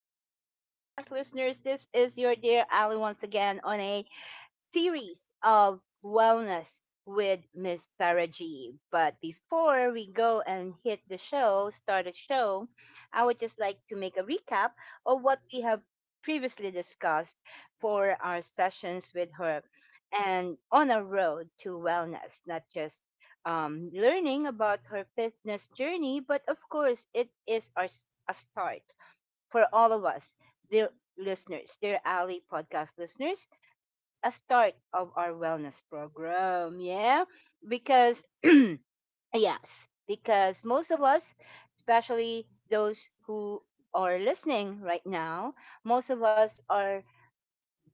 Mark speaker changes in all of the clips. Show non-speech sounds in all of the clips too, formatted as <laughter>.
Speaker 1: Ali podcast listeners, this is your dear Ali once again on a series of wellness with Miss Sarah G. But before we go and hit the show, start the show, I would just like to make a recap of what we have previously discussed for our sessions with her and on a road to wellness, not just learning about her fitness journey, but of course, it is a start for all of us, dear listeners, dear Ali podcast listeners, a start of our wellness program. Yeah, because <clears throat> yes, because most of us, especially those who are listening right now, most of us are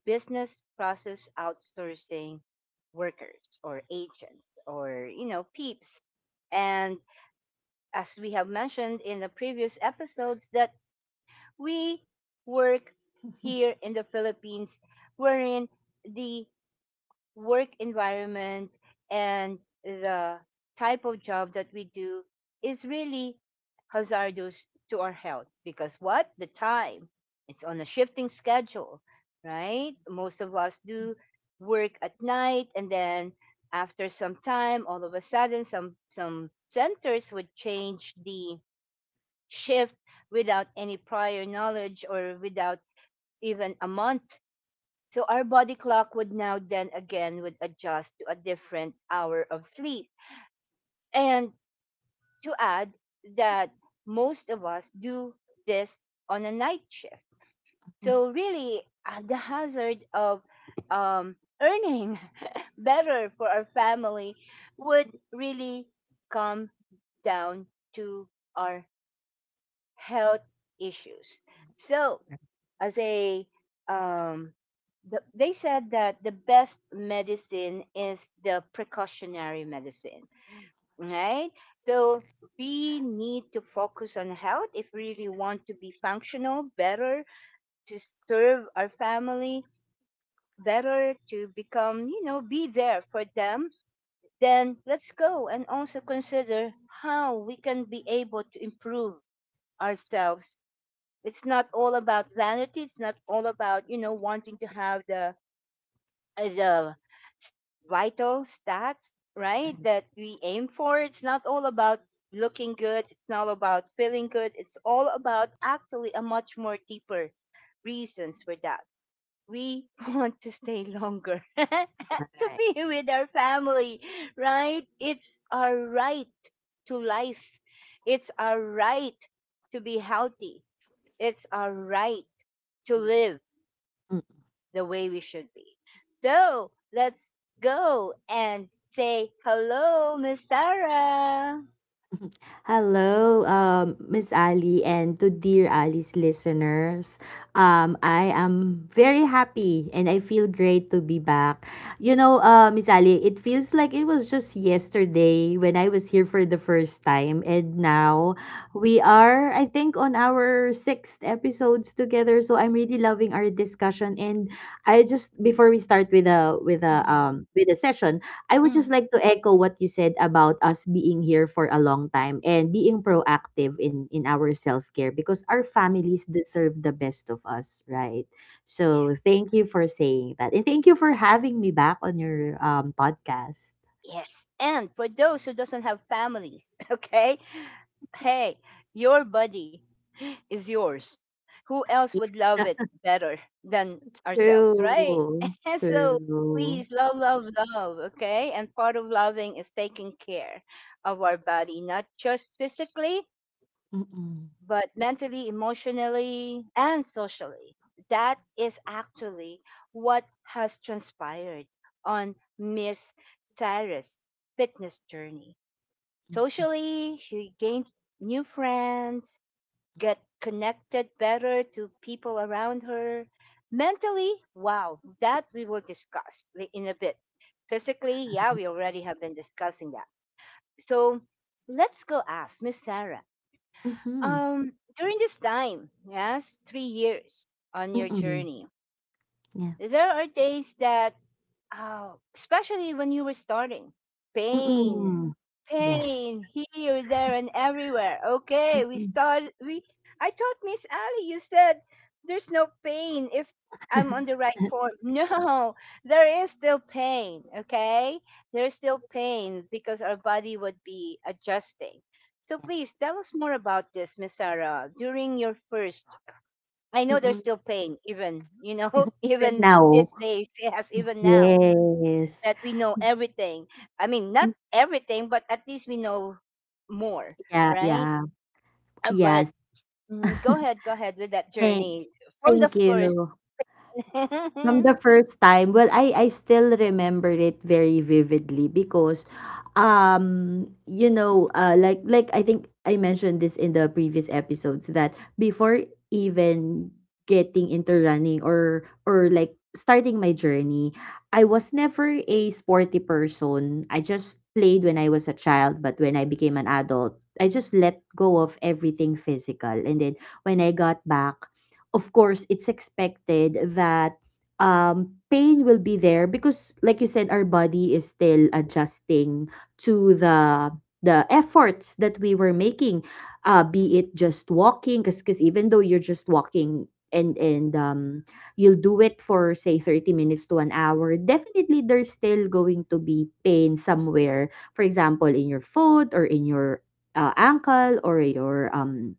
Speaker 1: business process outsourcing workers or agents or peeps. And as we have mentioned in the previous episodes that we work here in the Philippines wherein the work environment and the type of job that we do is really hazardous to our health because what the time, it's on a shifting schedule, right? Most of us do work at night, and then after some time all of a sudden some centers would change the shift without any prior knowledge or without even a month, so our body clock would now then again would adjust to a different hour of sleep. And to add that, most of us do this on a night shift.
Speaker 2: Mm,
Speaker 1: So really the hazard of um, earning <laughs> better for our family would really come down to our health issues. So as um they said that the best medicine is the precautionary medicine, right? So we need to focus on health if we really want to be functional better, to serve our family better, to become, you know, be there for them, then let's go and also consider how we can be able to improve ourselves. It's not all about vanity. It's not all about, you know, wanting to have the uh, the s- vital stats, right,
Speaker 2: okey.
Speaker 1: that we aim for. It's not all about looking good. It's not all about feeling good. It's all about actually a much more deeper reasons for that. We <laughs> want to stay longer, <laughs> to
Speaker 2: Right.
Speaker 1: be with our family, right? It's our right to life. It's our right to be healthy. It's our right to live
Speaker 2: Mm.
Speaker 1: the way we should be. So let's go and say hello, Miss Sarah.
Speaker 2: Hello, Miss Ali, and to Dear Ali's listeners. I am very happy and I feel great to be back. You know, Miss Ali, it feels like it was just yesterday when I was here for the first time, and now we are, I think, on our sixth episodes together. So I'm really loving our discussion, and I just before we start with a with a
Speaker 1: Mhm.
Speaker 2: um with a session, I would just
Speaker 1: Mm.
Speaker 2: like to echo what you said about us being here for a long time and being proactive in our self-care because our families deserve the best of us, right? So thank you for saying that. And thank you for having me back on your podcast.
Speaker 1: Yes. And for those who doesn't have families, <laughs> okay? Hey, your body is yours. Who else would love
Speaker 2: Yeah.
Speaker 1: it
Speaker 2: <laughs>
Speaker 1: better than ourselves, right?
Speaker 2: True.
Speaker 1: <laughs> And so
Speaker 2: True.
Speaker 1: please love, love, love, okay? And part of loving is taking care of our body, not just physically,
Speaker 2: Mm-mm.
Speaker 1: but mentally, emotionally, and socially. That is actually what has transpired on Miss Cyrus' fitness journey. Socially, she gained new friends, get connected better to people around her. Mentally, wow, that we will discuss in a bit. Physically, yeah, we already have been discussing that. So let's go ask Miss Sarah,
Speaker 2: Mm-hmm.
Speaker 1: um, during this time, yes, 3 years on your
Speaker 2: Mm-mm.
Speaker 1: journey,
Speaker 2: Yeah.
Speaker 1: there are days that, oh, especially when you were starting. Pain.
Speaker 2: Mm-mm. Yes.
Speaker 1: Pain here, there and everywhere. Okay, we
Speaker 2: Mm-mm.
Speaker 1: started, we I thought, Miss Ali, you said there's no pain if I'm on the right
Speaker 2: <laughs>
Speaker 1: form. <laughs> No, there is still pain, okay? There is still pain because our body would be adjusting. So please
Speaker 2: Yes.
Speaker 1: tell us more about this, Miss Sarah. During your first, I know there's
Speaker 2: Mm-mm.
Speaker 1: still pain, even, you know, <laughs>
Speaker 2: Even
Speaker 1: even
Speaker 2: now.
Speaker 1: these days, yes, even now
Speaker 2: Yes.
Speaker 1: that we know everything. I mean, not everything, but at least we know more,
Speaker 2: Yeah,
Speaker 1: right?
Speaker 2: yeah.
Speaker 1: But
Speaker 2: Yes.
Speaker 1: mhm,
Speaker 2: <laughs>
Speaker 1: go ahead with that
Speaker 2: Thank
Speaker 1: journey from the
Speaker 2: thank
Speaker 1: first.
Speaker 2: you.
Speaker 1: <laughs>
Speaker 2: From the first time, well, I still remember it very vividly because, like I think I mentioned this in the previous episodes that before even getting into running or like starting my journey, I was never a sporty person. I just played when I was a child, but when I became an adult, I just let go of everything physical, and then when I got back. Of course, it's expected that pain will be there because like you said our body is still adjusting to the efforts that we were making, be it just walking, because even though you're just walking and you'll do it for, say, 30 minutes to an hour. Definitely there's still going to be pain somewhere, for example in your foot or in your ankle or your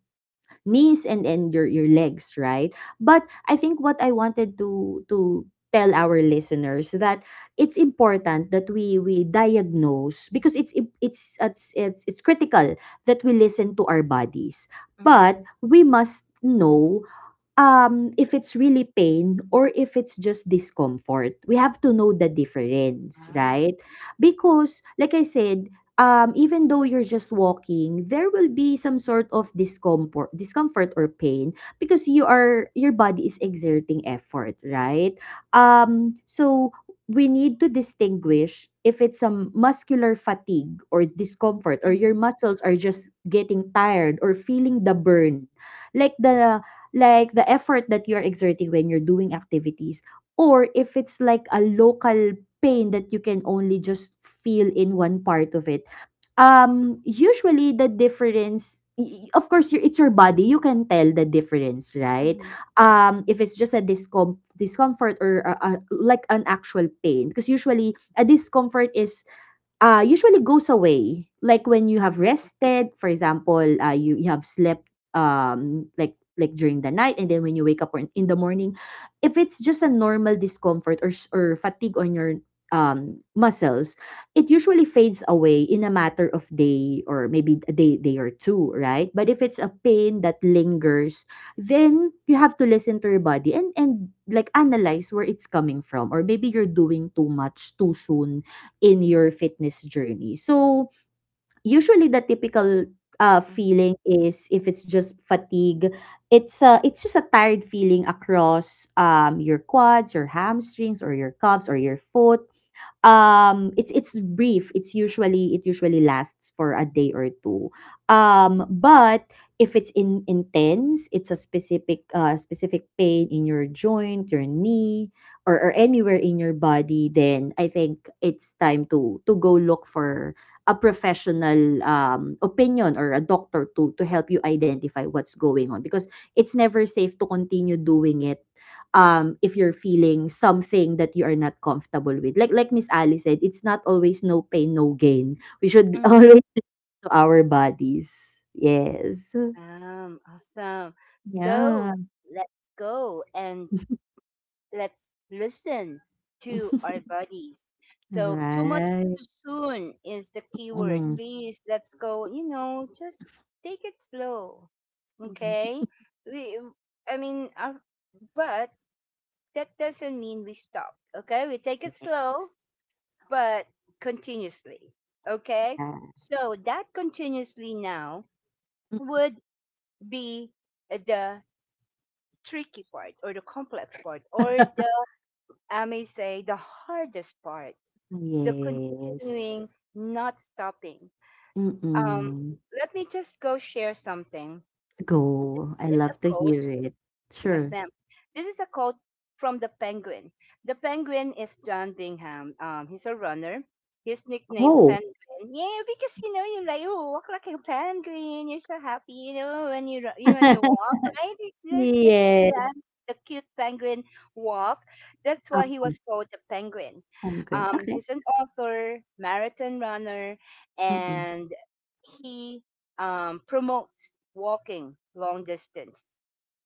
Speaker 2: knees and your legs, right? But I think what I wanted to tell our listeners that it's important that we diagnose because it's im- it's critical that we listen to our bodies. But
Speaker 1: Mm.
Speaker 2: we must know if it's really pain or if it's just discomfort. We have to know the difference,
Speaker 1: Ah,
Speaker 2: right? Because like I said, even though you're just walking, there will be some sort of discomfort or pain because your body is exerting effort, right? So we need to distinguish if it's a muscular fatigue or discomfort, or your
Speaker 1: mm.
Speaker 2: muscles are just getting tired or feeling the burn, like the like the effort that you're exerting when you're doing activities, or if it's like a local pain that you can only just feel in one part of it. Usually the difference, of course it's your body, you can tell the difference, right?
Speaker 1: Mm.
Speaker 2: If it's just a discomfort or like an actual pain. Because usually a discomfort is usually goes away, like when you have rested. For example, you, you have slept like during the night, and then when you wake up or in the morning, if it's just a normal discomfort or or fatigue on your muscles, it usually fades away in a matter of day or maybe a day or two, right? But if it's a pain that lingers, then you have to listen to your body and like analyze where it's coming from, or maybe you're doing too much too soon in your fitness journey. So, usually the typical feeling is, if it's just fatigue, it's just a tired feeling across your quads, your hamstrings, or your calves, or your foot. Um it's brief, it's usually it usually lasts for a day or two. Um but if it's in intense, it's a specific pain in your joint, your knee, or anywhere in your body, then I think it's time to go look for a professional opinion or a doctor to help you identify what's going on, because it's never safe to continue doing it if you're feeling something that you are not comfortable with. Like Miss Ali said, it's not always no pain no gain. We should
Speaker 1: Mm.
Speaker 2: <laughs>
Speaker 1: Mm.
Speaker 2: always listen to our bodies, yes.
Speaker 1: Awesome, awesome.
Speaker 2: Yeah.
Speaker 1: So let's go and let's listen to our
Speaker 2: <laughs>
Speaker 1: bodies. So, too much
Speaker 2: Right.
Speaker 1: too soon is the key word.
Speaker 2: Mm.
Speaker 1: Please, let's go, you know, just take it slow. Okay? We, I mean, our, but that doesn't mean we stop. Okay? We take
Speaker 2: Yeah.
Speaker 1: it slow, but continuously. Okay? So, that continuously now
Speaker 2: <laughs>
Speaker 1: would be the tricky part or the complex part or the, I may say, the hardest part, the
Speaker 2: Yes.
Speaker 1: continuing, not stopping. Um,
Speaker 2: Mm-mm.
Speaker 1: let me just go share something.
Speaker 2: Go, I
Speaker 1: This is a
Speaker 2: love to
Speaker 1: quote.
Speaker 2: hear it.
Speaker 1: Yes,
Speaker 2: Sure.
Speaker 1: ma'am. This is a quote from the Penguin. The Penguin is John Bingham. He's a runner. His nickname
Speaker 2: Oh.
Speaker 1: Penguin. Yeah, because you know you like you walk like a penguin. You're so happy, you know, when you when you walk,
Speaker 2: <laughs>
Speaker 1: right? That's
Speaker 2: Yes.
Speaker 1: the cute penguin walk. That's why he
Speaker 2: Okay,
Speaker 1: was called the Penguin.
Speaker 2: I'm good. Okay.
Speaker 1: He's an author, marathon runner,
Speaker 2: Mm-mm.
Speaker 1: and he, promotes walking long distance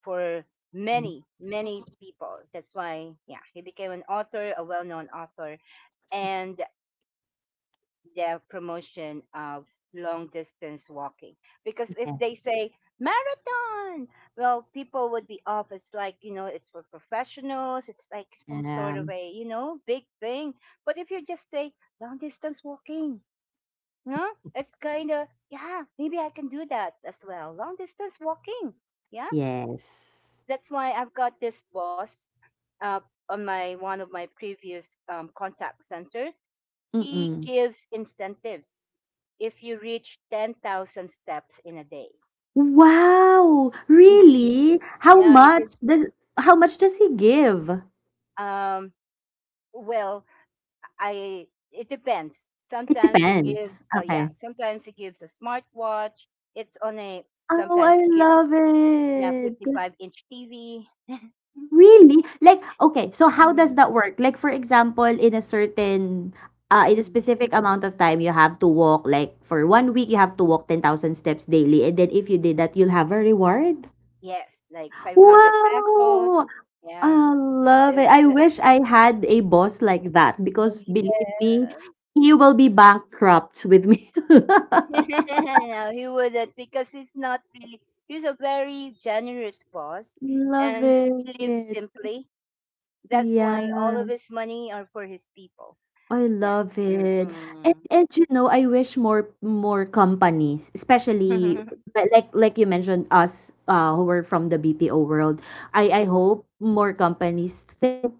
Speaker 1: for
Speaker 2: Mm.
Speaker 1: many, many people. That's why, yeah, he became an author, a well known author, and the promotion of long distance walking. Because if
Speaker 2: Okay.
Speaker 1: they say marathon, well, people would be off. It's like, you know, it's for professionals, it's like some sort of
Speaker 2: Um,
Speaker 1: a, you know, big thing. But if you just say long distance walking, no, it's kind of, yeah, maybe I can do that as well. Long distance walking. Yeah,
Speaker 2: yes.
Speaker 1: that's why I've got this boss, uh, on my one of my previous contact center, he
Speaker 2: Mm-mm.
Speaker 1: gives incentives if you reach 10,000 steps in a day.
Speaker 2: Wow!
Speaker 1: Indeed,
Speaker 2: Really? How
Speaker 1: yeah, he
Speaker 2: much
Speaker 1: gives.
Speaker 2: does how much does he give?
Speaker 1: Um, well, I it depends.
Speaker 2: It
Speaker 1: Sometimes he gives.
Speaker 2: depends.
Speaker 1: Yeah,
Speaker 2: Okay.
Speaker 1: sometimes he gives a smartwatch. It's on a.
Speaker 2: Oh, I
Speaker 1: Sometimes he gives,
Speaker 2: love
Speaker 1: yeah,
Speaker 2: it.
Speaker 1: 55 inch TV. <laughs>
Speaker 2: Really? Like, okay, so how does
Speaker 1: Mm,
Speaker 2: that work? Like, for example, in a
Speaker 1: mm.
Speaker 2: specific amount of time, you have to walk, like, for one week, you have to walk 10,000 steps daily. And then if you did that, you'll have a reward.
Speaker 1: Yes, like 500 pesos.
Speaker 2: Wow!
Speaker 1: Yeah.
Speaker 2: I love
Speaker 1: Uh,
Speaker 2: it. I
Speaker 1: the-
Speaker 2: wish I had a boss like that
Speaker 1: Oh,
Speaker 2: because
Speaker 1: yes.
Speaker 2: believe me, he will be bankrupt with me. <laughs>
Speaker 1: <laughs> No, he wouldn't because he's not really, he's a very generous boss,
Speaker 2: Love
Speaker 1: and he lives
Speaker 2: it.
Speaker 1: simply. That's
Speaker 2: Yeah.
Speaker 1: why all of his money are for his people.
Speaker 2: I
Speaker 1: Yeah.
Speaker 2: love it.
Speaker 1: Mm-mm.
Speaker 2: And you know, I wish more companies, especially
Speaker 1: <laughs>
Speaker 2: like you mentioned us who were from the BPO world. I
Speaker 1: Mm.
Speaker 2: hope more companies think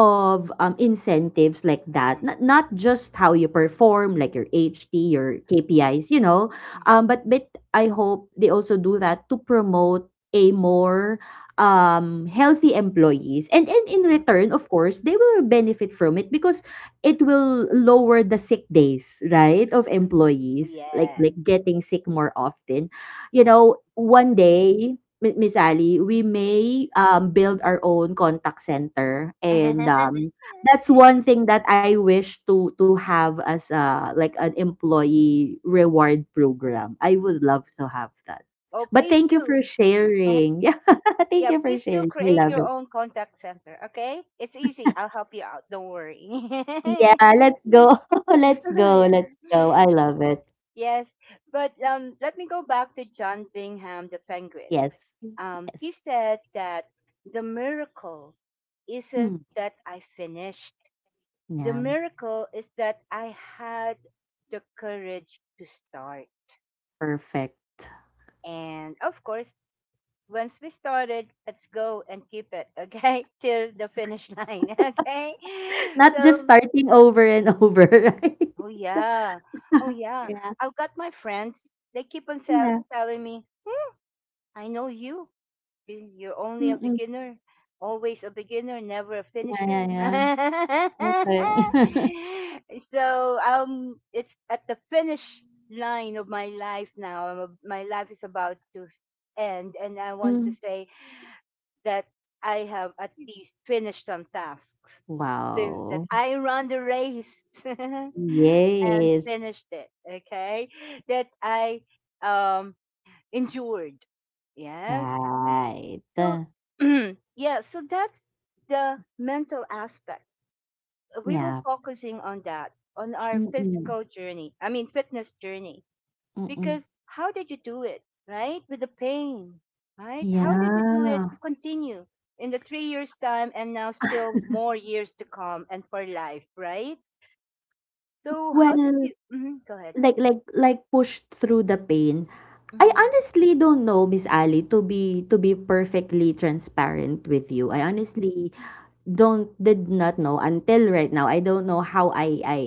Speaker 2: of incentives like that. Not not just how you perform, like your HT, your KPIs, you know.
Speaker 1: Mm.
Speaker 2: But I hope they also do that to promote a more healthy employees and in return of course they will benefit from it because it will lower the sick days, right, of employees, like
Speaker 1: Yeah.
Speaker 2: like getting sick more often. You know, one day, Miss Ali, we may build our own contact center, and
Speaker 1: <laughs>
Speaker 2: that's one thing that I wish to have as a like an employee reward program. I would love to have that.
Speaker 1: Oh,
Speaker 2: But
Speaker 1: please
Speaker 2: thank you
Speaker 1: do.
Speaker 2: for
Speaker 1: <laughs>
Speaker 2: sharing. <laughs> Yeah, thank
Speaker 1: Yeah,
Speaker 2: you for
Speaker 1: please do
Speaker 2: sharing. I
Speaker 1: create
Speaker 2: love
Speaker 1: your
Speaker 2: it.
Speaker 1: own contact center, okay? It's easy. I'll help you out. Don't worry. <laughs>
Speaker 2: Yeah, let's go. <laughs> Let's go.
Speaker 1: Yeah.
Speaker 2: Let's go. I love it.
Speaker 1: Yes, but let me go back to John Bingham the Penguin.
Speaker 2: Yes.
Speaker 1: He
Speaker 2: Yes.
Speaker 1: said that the miracle isn't
Speaker 2: Hmm.
Speaker 1: that I finished. The
Speaker 2: Yeah.
Speaker 1: miracle is that I had the courage to start.
Speaker 2: Perfect.
Speaker 1: And of course, once we started, let's go and keep it, okay? <laughs> Till the finish line, <laughs> okay?
Speaker 2: <laughs> Not just
Speaker 1: So,
Speaker 2: starting over and <laughs> over, right?
Speaker 1: oh yeah, oh
Speaker 2: <laughs>
Speaker 1: yeah.
Speaker 2: Yeah.
Speaker 1: I've got my friends, they keep on
Speaker 2: Yeah.
Speaker 1: telling me, I know you. You're only a
Speaker 2: Mm-mm.
Speaker 1: beginner, always a beginner, never a
Speaker 2: Yeah. Yeah.
Speaker 1: finisher.
Speaker 2: Yeah.
Speaker 1: <laughs>
Speaker 2: Okay. <laughs>
Speaker 1: So it's at the finish line of my life now. My life is about to end, and I want to
Speaker 2: Mm.
Speaker 1: say that I have at least finished some tasks. That
Speaker 2: Wow.
Speaker 1: I run the race <laughs> and
Speaker 2: Yes.
Speaker 1: finished it. Okay, that I um endured. Yes,
Speaker 2: Right.
Speaker 1: so, <clears throat> yeah, so that's the mental aspect. We were
Speaker 2: Yeah.
Speaker 1: focusing on that, on our
Speaker 2: Mm-mm.
Speaker 1: physical journey, I mean, fitness journey,
Speaker 2: Mm-mm.
Speaker 1: because how did you do it, right? With the pain, right? How did you do it to
Speaker 2: Yeah.
Speaker 1: continue in the 3 years' time and now still more years to come and for life, right? So, how did
Speaker 2: Well,
Speaker 1: you Mhm, go ahead?
Speaker 2: like pushed through the pain. I
Speaker 1: Mm-hmm,
Speaker 2: honestly don't know, Miss Ali, to be perfectly transparent with you. I
Speaker 1: hmm.
Speaker 2: honestly don't did not know until right now. I don't know how I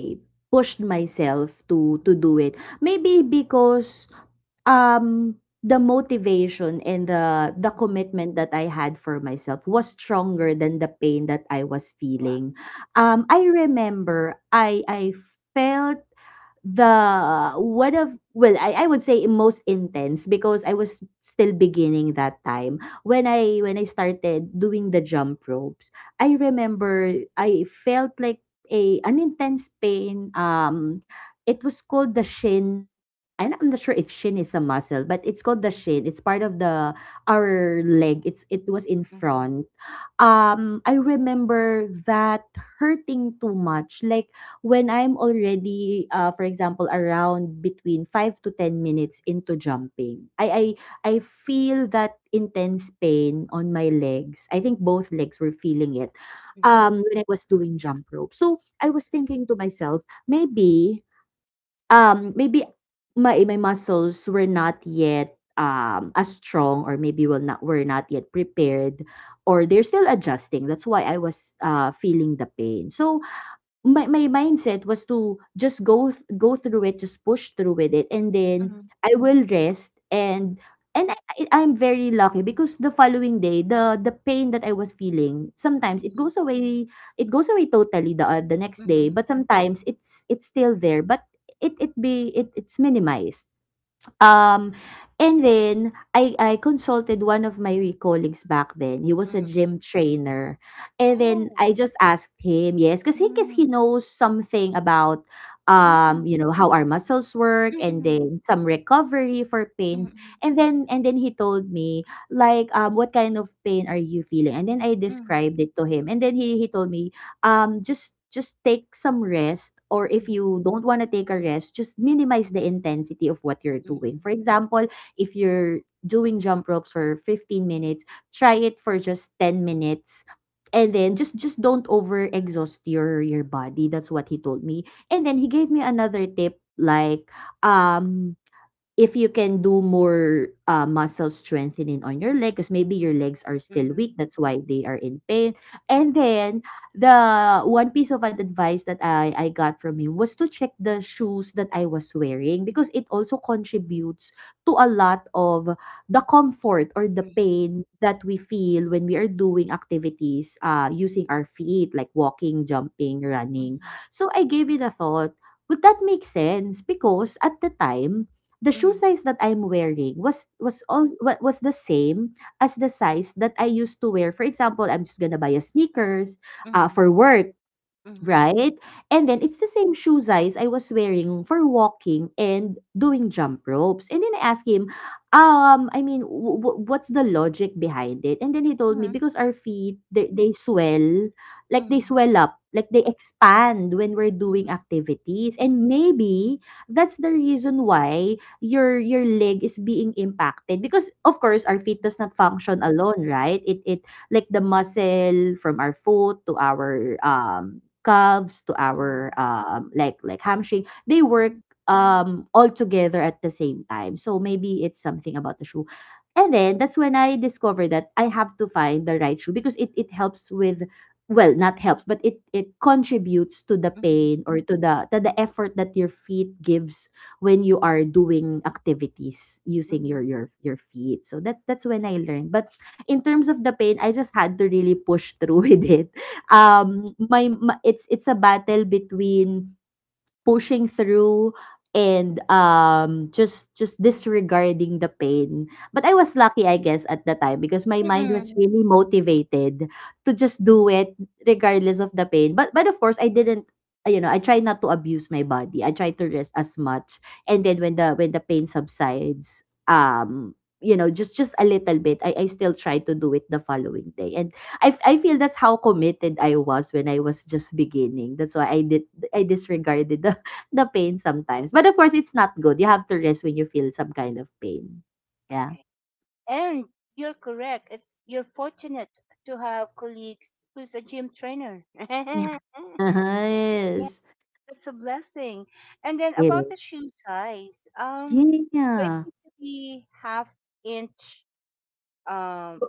Speaker 2: pushed myself to do it. Maybe because um the motivation and the commitment that I had for myself was stronger than the pain that I was
Speaker 1: Wow.
Speaker 2: feeling.
Speaker 1: Mm-hmm,
Speaker 2: I remember I felt the one of, well, I would say most intense, because I was still beginning that time when I started doing the jump ropes. I remember I felt like a an intense pain. It was called the shin, and I'm not sure if shin is a muscle, but it's called the shin. It's part of the our leg. It was in front. I remember that hurting too much, like when I'm already, for example, around between 5 to 10 minutes into jumping, I feel that intense pain on my legs. I think both legs were feeling it.
Speaker 1: mm-hmm,
Speaker 2: When I was doing jump rope, so I was thinking to myself, maybe, maybe my muscles were not yet as strong, or maybe will not were not yet prepared, or they're still adjusting. That's why I was feeling the pain. So my mindset was to just go through it, just push through with it, and then
Speaker 1: mm-hmm,
Speaker 2: I will rest. And and I, I'm very lucky because the following day, the pain that I was feeling, sometimes it goes away, it goes away totally the next day,
Speaker 1: mm-hmm,
Speaker 2: but sometimes it's still there, but it be it it's minimized. Um, and then I consulted one of my colleagues back then. He was a
Speaker 1: mm-hmm.
Speaker 2: gym trainer. And then
Speaker 1: Oh.
Speaker 2: I just asked him, yes, because he knows something about
Speaker 1: Mm, mm,
Speaker 2: how our muscles work, and
Speaker 1: mm,
Speaker 2: then some recovery for pains.
Speaker 1: mm,
Speaker 2: And then he told me, like what kind of pain are you feeling? And then I
Speaker 1: mm,
Speaker 2: described it to him. And then he told me just take some rest, or if
Speaker 1: mhm,
Speaker 2: you don't want to take a rest, just minimize the intensity of what you're doing. For example, if you're doing jump ropes for 15 minutes, try it for just 10 minutes. And then just don't over exhaust your body. That's what he told me. And then he gave me another tip like um if you can do more muscle strengthening on your leg, because maybe your legs are still
Speaker 1: mhm,
Speaker 2: weak, that's why they are in pain. And then the one piece of advice that I got from him was to check the shoes that I was wearing, because it also contributes to a lot of the comfort or the pain that we feel when we are doing activities using our feet, like walking, jumping, running.
Speaker 1: mhm,
Speaker 2: So I gave it a thought, would that make sense? Because at the time, the shoe size that I'm wearing was was the same as the size that I used to wear. For example, I'm just gonna buy a sneakers
Speaker 1: mhm, mhm,
Speaker 2: for work.
Speaker 1: mhm, mhm, mhm, mhm,
Speaker 2: Right? And then it's the same shoe size I was wearing for walking and doing jump ropes. And then I asked him, I mean, what's the logic behind it? And then he told me, because our feet, they swell, like they
Speaker 1: mhm,
Speaker 2: swell up, like they expand when we're doing activities. And maybe that's the reason why your leg is being impacted, because of course our feet does not function alone, right? It like the muscle from our foot to our calves to our
Speaker 1: mhm,
Speaker 2: like hamstring, they work all together at the same time, so maybe it's something about the shoe. And then that's when I discovered that I have to find the right shoe, because it helps with, well, not helps, but it contributes to the
Speaker 1: mhm, mhm,
Speaker 2: pain, or to the effort that your feet gives when you are doing activities using your
Speaker 1: mhm,
Speaker 2: your feet. So that's when I learned. But in terms of the pain, I just had to really push through <laughs> with it. My ma it's a battle between pushing through and just disregarding the pain. But I was lucky, I guess, at the time, because my mind was
Speaker 1: mhm.
Speaker 2: really motivated to just do it regardless of the pain. But of course I didn't, you know, I try not to abuse my body. I try to rest as much. And then when the pain subsides you know, just a little bit, I still try to do it the following day. And I feel that's how committed I was when I was just beginning. That's why I did, I disregarded the pain sometimes. But of course, it's not good. You have to rest when you feel some kind of pain. Yeah.
Speaker 1: Okay. And you're correct. It's you're fortunate to have colleagues who's a gym trainer.
Speaker 2: Yeah.
Speaker 1: <laughs>
Speaker 2: <laughs>
Speaker 1: Yeah,
Speaker 2: Yes.
Speaker 1: that's a blessing. And then
Speaker 2: It
Speaker 1: about
Speaker 2: is.
Speaker 1: the shoe size, so it
Speaker 2: Yeah.
Speaker 1: needs to be half inch, um,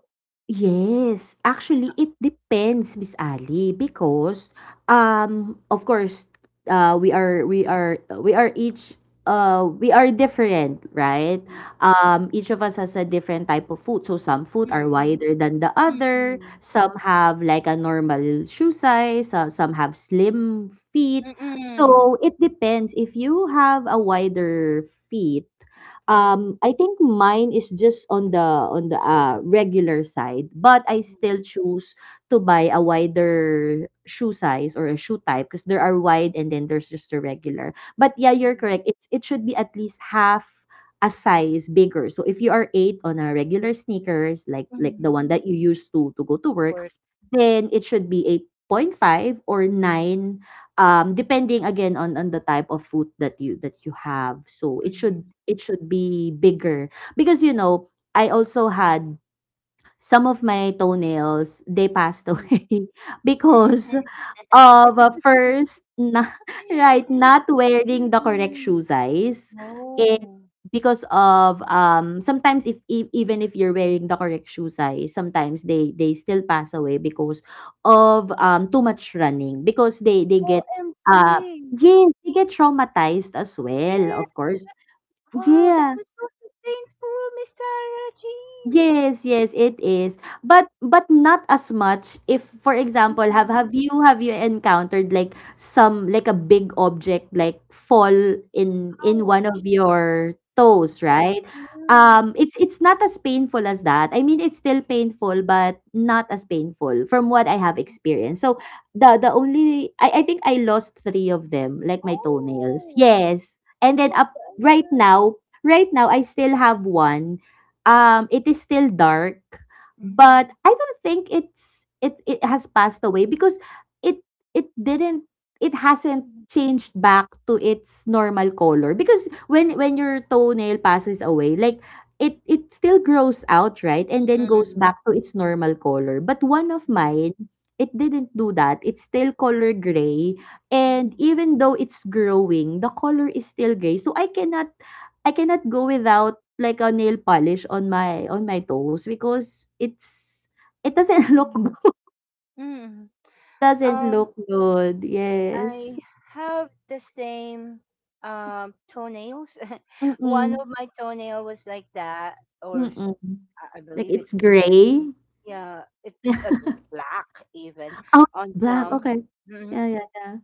Speaker 2: Yes, actually it depends, Miss Ali, because of course we are we are each we are different, right?
Speaker 1: mm,
Speaker 2: Um, each of us has a different type of foot. So some foot are
Speaker 1: mm,
Speaker 2: wider than the
Speaker 1: mm,
Speaker 2: other,
Speaker 1: mm.
Speaker 2: some have like a normal shoe size, some have slim feet.
Speaker 1: Mm,
Speaker 2: So it depends, if you have a wider feet. I think mine is just on the, regular side, but I
Speaker 1: mm,
Speaker 2: still choose to buy a wider shoe size or a shoe type, because there are wide and then there's just a regular. But yeah, you're
Speaker 1: mm,
Speaker 2: correct. It's it should be at least half a size bigger. So if you are eight on a regular sneakers, like the
Speaker 1: mm.
Speaker 2: one that you use to go to work,
Speaker 1: Work.
Speaker 2: then it should be 8.5 or nine, depending again on the type of food that you have. So it should,
Speaker 1: Mhm,
Speaker 2: it should be bigger, because you know, I also had some of my toenails, they passed
Speaker 1: mm.
Speaker 2: away <laughs> because
Speaker 1: <laughs>
Speaker 2: of, first na <laughs> right, not wearing the correct
Speaker 1: Mm.
Speaker 2: shoe size. And
Speaker 1: Oh.
Speaker 2: because of, sometimes if e even if you're wearing the correct shoe size, sometimes they still pass away because of, too much running, because they get, uh
Speaker 1: OMG.
Speaker 2: yes, they get traumatized as well,
Speaker 1: Yeah.
Speaker 2: of course.
Speaker 1: Wow, that
Speaker 2: Yeah.
Speaker 1: was so painful, Miss Sarah Jean.
Speaker 2: Yes, yes, it is. But not as much. If for example, have
Speaker 1: Mhm.
Speaker 2: you encountered, like some, like a big object, like fall in one
Speaker 1: Ouch.
Speaker 2: of your toes,
Speaker 1: Toes.
Speaker 2: right?
Speaker 1: Yeah.
Speaker 2: Um, it's not as painful as that. I mean, it's still painful, but not as painful from what I have experienced. So the only, I think I lost 3 of them, like my toenails.
Speaker 1: Oh.
Speaker 2: Yes. And then up right
Speaker 1: Okay.
Speaker 2: now, right now I still have one, it is still dark, but
Speaker 1: Mhm,
Speaker 2: I don't think it it has passed away, because it it didn't, it hasn't
Speaker 1: mhm,
Speaker 2: changed back to its normal color. Because when your toenail passes away, like it still grows out, right? And then goes
Speaker 1: mhm,
Speaker 2: back to its normal color. But one of mine, it didn't do that. It's still color gray. And
Speaker 1: mhm,
Speaker 2: even though it's growing, the color is still gray. So I cannot, I cannot go without like a nail polish on my toes, because it's it doesn't <laughs> look
Speaker 1: mhm,
Speaker 2: good.
Speaker 1: mhm.
Speaker 2: Doesn't
Speaker 1: Um,
Speaker 2: look good. Yes.
Speaker 1: I have the same toenails. <laughs> One
Speaker 2: Mm-mm.
Speaker 1: of my toenail was like that, or
Speaker 2: Mm-mm.
Speaker 1: I
Speaker 2: Like
Speaker 1: believe it.
Speaker 2: it's
Speaker 1: It is,
Speaker 2: gray.
Speaker 1: yeah. It was
Speaker 2: <laughs>
Speaker 1: black even
Speaker 2: Oh,
Speaker 1: on
Speaker 2: black.
Speaker 1: some.
Speaker 2: Okay.
Speaker 1: Mhm.
Speaker 2: Yeah, yeah, yeah.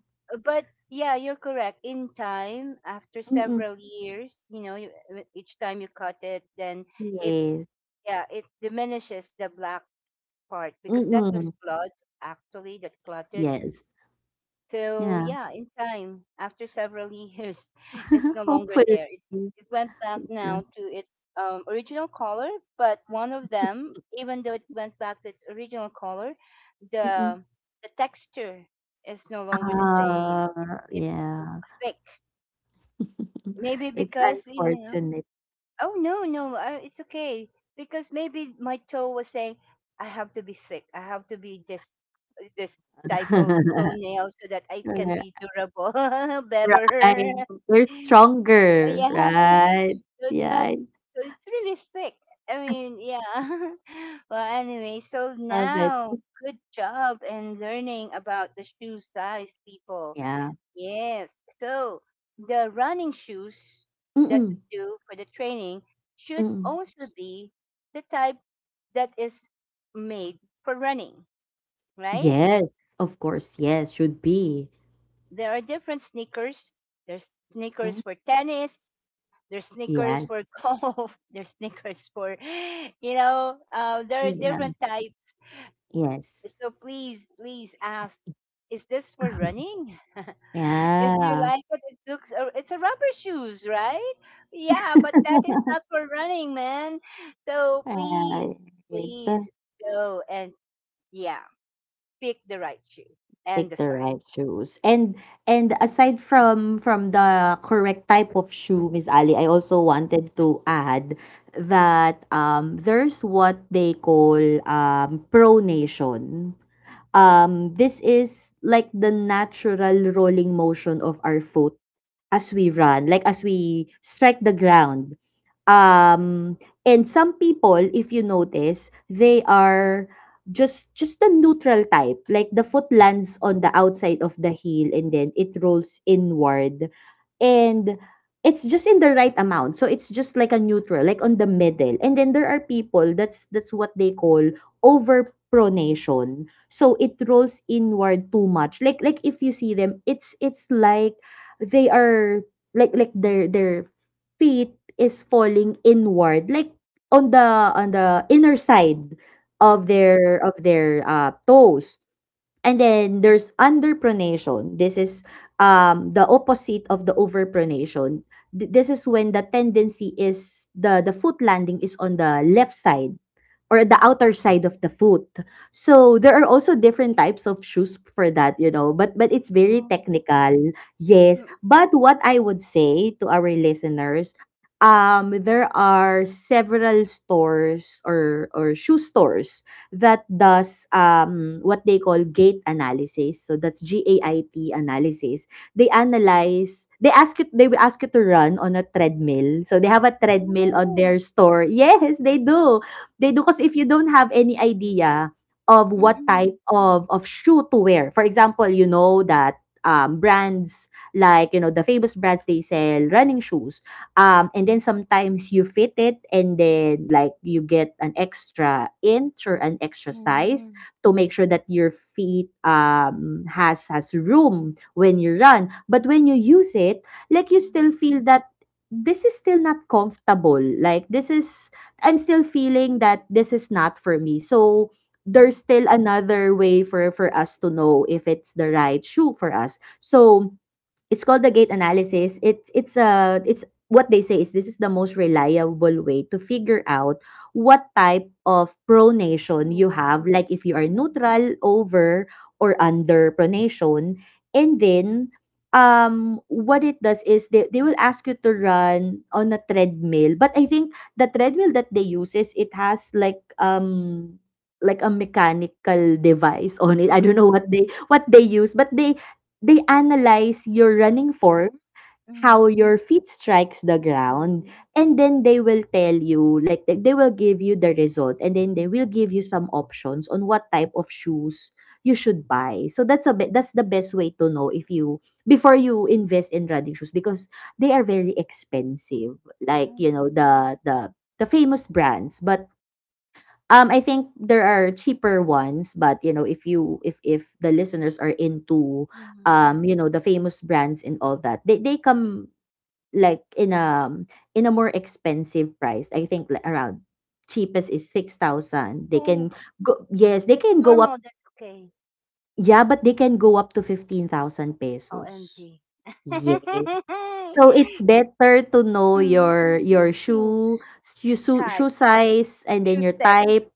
Speaker 1: But yeah, you're correct. In time, after
Speaker 2: Mm-mm.
Speaker 1: several years, you know, you, each time you cut it, then it,
Speaker 2: Yes.
Speaker 1: yeah, it diminishes the black part because that was
Speaker 2: Mm-mm.
Speaker 1: blood actually that clotted.
Speaker 2: Yes.
Speaker 1: So
Speaker 2: Yeah.
Speaker 1: yeah, in time, after several years, <laughs> it's
Speaker 2: <laughs>
Speaker 1: no longer
Speaker 2: Hopefully.
Speaker 1: there. It's it went back
Speaker 2: Yeah.
Speaker 1: now to its original color, but one of them, even though it went back to its original color,
Speaker 2: Mm-mm.
Speaker 1: the the texture is no longer the same.
Speaker 2: Ah,
Speaker 1: It's
Speaker 2: yeah.
Speaker 1: thick.
Speaker 2: <laughs>
Speaker 1: Maybe
Speaker 2: It's
Speaker 1: because you
Speaker 2: unfortunate.
Speaker 1: Oh no, no, it's okay because maybe my toe was saying, "I have to be thick. I have to be this this type of
Speaker 2: <laughs>
Speaker 1: toenail so that I can
Speaker 2: Correct.
Speaker 1: be durable, <laughs> better."
Speaker 2: Right.
Speaker 1: <laughs>
Speaker 2: We're stronger,
Speaker 1: Yeah,
Speaker 2: right?
Speaker 1: so it's
Speaker 2: Yeah,
Speaker 1: not.
Speaker 2: I
Speaker 1: So it's really thick. I mean, yeah. <laughs> Well, anyway, so
Speaker 2: love it.
Speaker 1: now good job in learning about the shoe size, people.
Speaker 2: Yeah.
Speaker 1: Yes. So the running shoes that
Speaker 2: Mm-mm,
Speaker 1: we do for the training should
Speaker 2: mm.
Speaker 1: also be the type that is made for running, right?
Speaker 2: Yes, of course. Yes, should be.
Speaker 1: There are different sneakers. There's sneakers
Speaker 2: Mhm.
Speaker 1: for tennis. There's sneakers
Speaker 2: Yes.
Speaker 1: for <laughs> golf. There's sneakers for, you know, there are different
Speaker 2: Yeah.
Speaker 1: types.
Speaker 2: Yes.
Speaker 1: So please, please ask, is this for running? <laughs> If you
Speaker 2: Yeah.
Speaker 1: like it looks, it's a rubber shoes, right? Yeah, but that is
Speaker 2: <laughs>
Speaker 1: not for running, man. So please,
Speaker 2: Right.
Speaker 1: please go and, yeah, pick the right shoe and the
Speaker 2: Pick the
Speaker 1: size.
Speaker 2: right shoes. And aside from the correct type of shoe, Miss Ali, I also wanted to add that there's what they call pronation. This is like the natural rolling motion of our foot as we run, like as we strike the ground. Um, and some people, if you notice, they are just the neutral type. Like the foot lands on the outside of the heel and then it rolls inward. And it's just in the right amount. So it's just like a neutral, like on the middle. And then there are people that's what they call overpronation. So it rolls inward too much. Like if you see them, it's like they are like their feet is falling inward, like on the on the inner side of
Speaker 1: Mm-hmm.
Speaker 2: their toes. And then there's underpronation. This is the opposite of the overpronation. This is when the tendency is the foot landing is on the left side or the outer side of the foot. So there are also different types of shoes for that, you know, but it's very
Speaker 1: Oh.
Speaker 2: technical. Yes,
Speaker 1: Mm-mm.
Speaker 2: but what I would say to our listeners, there are several stores or shoe stores that does what they call gait analysis. So that's GAIT analysis. They analyze, they ask you, they will ask you to run on a treadmill. So they have a treadmill on
Speaker 1: Oh.
Speaker 2: their store. Yes, they do, they do. Because if you don't have any idea of what
Speaker 1: Mm-mm.
Speaker 2: type of shoe to wear, for example, you know that, brands like, you know, the famous brands, they sell running shoes, and then sometimes you fit it and then, like, you get an extra inch or an extra size
Speaker 1: Mm-mm.
Speaker 2: to make sure that your feet, has room when you run. But when you use it, like, you still
Speaker 1: Mm-mm.
Speaker 2: feel that this is still not comfortable, like, this is, I'm still feeling that this is not for me. So
Speaker 1: Mm.
Speaker 2: there's still another way for us to know if it's the right shoe for us. So it's called the gait analysis. It's it's what they say, is this is the most reliable way to figure out what type of pronation you have, like if you are
Speaker 1: Yeah.
Speaker 2: neutral, over, or under pronation. And then what it does is they will ask you to run on a treadmill. But I think the treadmill that they use, is it has like a mechanical device on it. I don't know what they use, but they analyze your running form, how
Speaker 1: Mm-mm.
Speaker 2: your feet strikes the ground,
Speaker 1: Mm-mm.
Speaker 2: and then they will tell you, like they will give you the result, and then they will give you some options on what type of shoes you should buy. So that's a bit, that's the best way to know if you before you invest in running shoes, because they are very expensive. Like, you
Speaker 1: Oh.
Speaker 2: know, the the famous brands. But I think there are cheaper ones, but you know, if you if the listeners are into
Speaker 1: Mm-mm.
Speaker 2: you know, the famous brands and all that, they come like in a more expensive price. I think like around cheapest is 6,000. They
Speaker 1: Oh.
Speaker 2: can go, yes, they
Speaker 1: That's
Speaker 2: can go up,
Speaker 1: normal. That's okay.
Speaker 2: yeah, but they can go up to 15,000 pesos.
Speaker 1: OMG.
Speaker 2: Yeah.
Speaker 1: <laughs>
Speaker 2: So it's better to know
Speaker 1: Mm.
Speaker 2: your shoe,
Speaker 1: Shoes
Speaker 2: shoe
Speaker 1: type.
Speaker 2: size, and then
Speaker 1: Shoe
Speaker 2: your
Speaker 1: step
Speaker 2: type.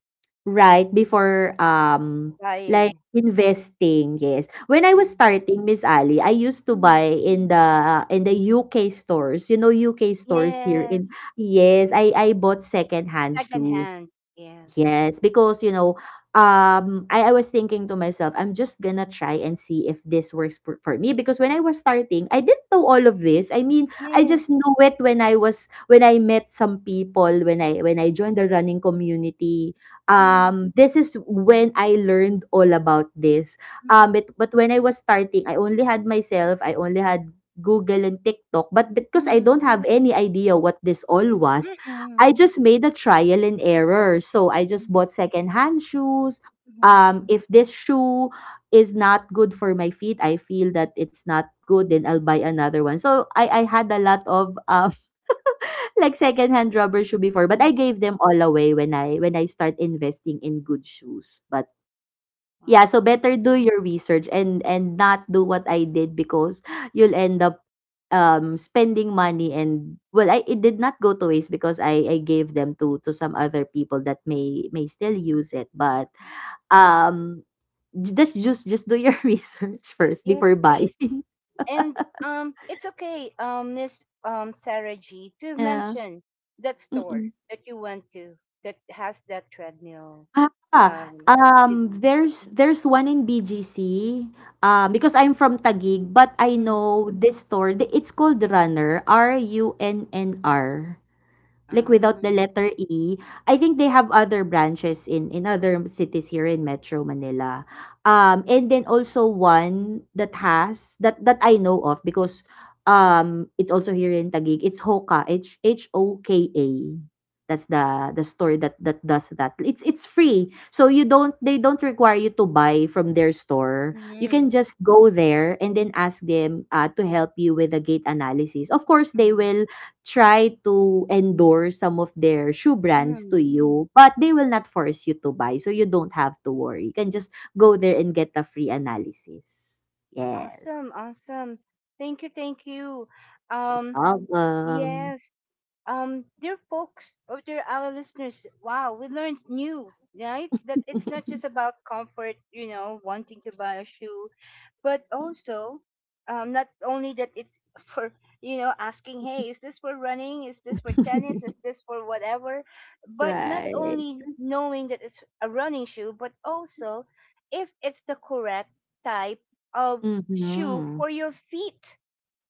Speaker 2: Right, before, like
Speaker 1: buying.
Speaker 2: investing, yes. When I
Speaker 1: Yeah.
Speaker 2: was starting, Miss Ali, I used to buy
Speaker 1: Mm.
Speaker 2: in the UK stores. You know, UK stores here in,
Speaker 1: Yes.
Speaker 2: yes, I bought secondhand
Speaker 1: Second
Speaker 2: shoes.
Speaker 1: hand. Yes.
Speaker 2: Yes, because you know, I was thinking to myself, I'm just gonna try and see if this works for me. Because when I was starting, I didn't know all of this. I mean, I just
Speaker 1: Yes.
Speaker 2: knew it when I was when I met some people, when I joined the running community.
Speaker 1: Yeah.
Speaker 2: This is when I learned all about this. Um,
Speaker 1: Mm-mm.
Speaker 2: but but when I was starting, I only had myself, I only had Google and TikTok, but because I don't
Speaker 1: Mm.
Speaker 2: have any idea what this all was,
Speaker 1: Mm-mm.
Speaker 2: I just made a trial and error. So I just
Speaker 1: Mm.
Speaker 2: bought secondhand shoes.
Speaker 1: Mm-hmm.
Speaker 2: If this shoe is not good for my feet, I feel that it's not good, then I'll buy another one. So I had a lot of <laughs> like secondhand rubber shoe before, but I
Speaker 1: Mm.
Speaker 2: gave them all away when I start investing in good shoes. But yeah, so
Speaker 1: Wow.
Speaker 2: better do your research and not do what I did because you'll end up spending money and well I it did not go to waste because I gave them to some other people that may still use it but um just just do your <laughs> research first
Speaker 1: Yes,
Speaker 2: before buying.
Speaker 1: please.
Speaker 2: <laughs>
Speaker 1: And it's okay, Miss Sarah G, to
Speaker 2: Yeah.
Speaker 1: mention that store
Speaker 2: Mm-mm.
Speaker 1: that you went to that has that treadmill.
Speaker 2: Ah,
Speaker 1: Um, 'Di m
Speaker 2: there's one in BGC, because I'm from Taguig, but I
Speaker 1: mm.
Speaker 2: know this store. It's called Runner, RUNNR, like without
Speaker 1: Ah,
Speaker 2: the letter E. I think they have other branches in other cities here in Metro Manila. Um, and then also one that has that I know of because it's also here in Taguig. It's Hoka. H O K A. That's the store that does that. It's free. So you don't they don't require you to buy from their store. You can
Speaker 1: mhm,
Speaker 2: just go there and then ask them to help you with the gate analysis. Of course, they
Speaker 1: mhm,
Speaker 2: will try to endorse some of their shoe brands to
Speaker 1: mm.
Speaker 2: you, but they will not force you to buy, so you don't have to worry. You can just go there and get a free analysis.
Speaker 1: Awesome,
Speaker 2: Yes.
Speaker 1: awesome. Thank you, thank you.
Speaker 2: No
Speaker 1: Um,
Speaker 2: problem.
Speaker 1: yes, dear folks, or dear our listeners, wow, we learned new, right? That it's not just
Speaker 2: <laughs>
Speaker 1: about comfort, you know, wanting to buy a shoe, but also not only that it's <laughs> for, you know, asking, hey, is this for running, is this for tennis, is this for whatever, but not
Speaker 2: Right.
Speaker 1: only knowing that it's a running shoe, but also if it's the correct type of shoe
Speaker 2: Mhm.
Speaker 1: for your feet.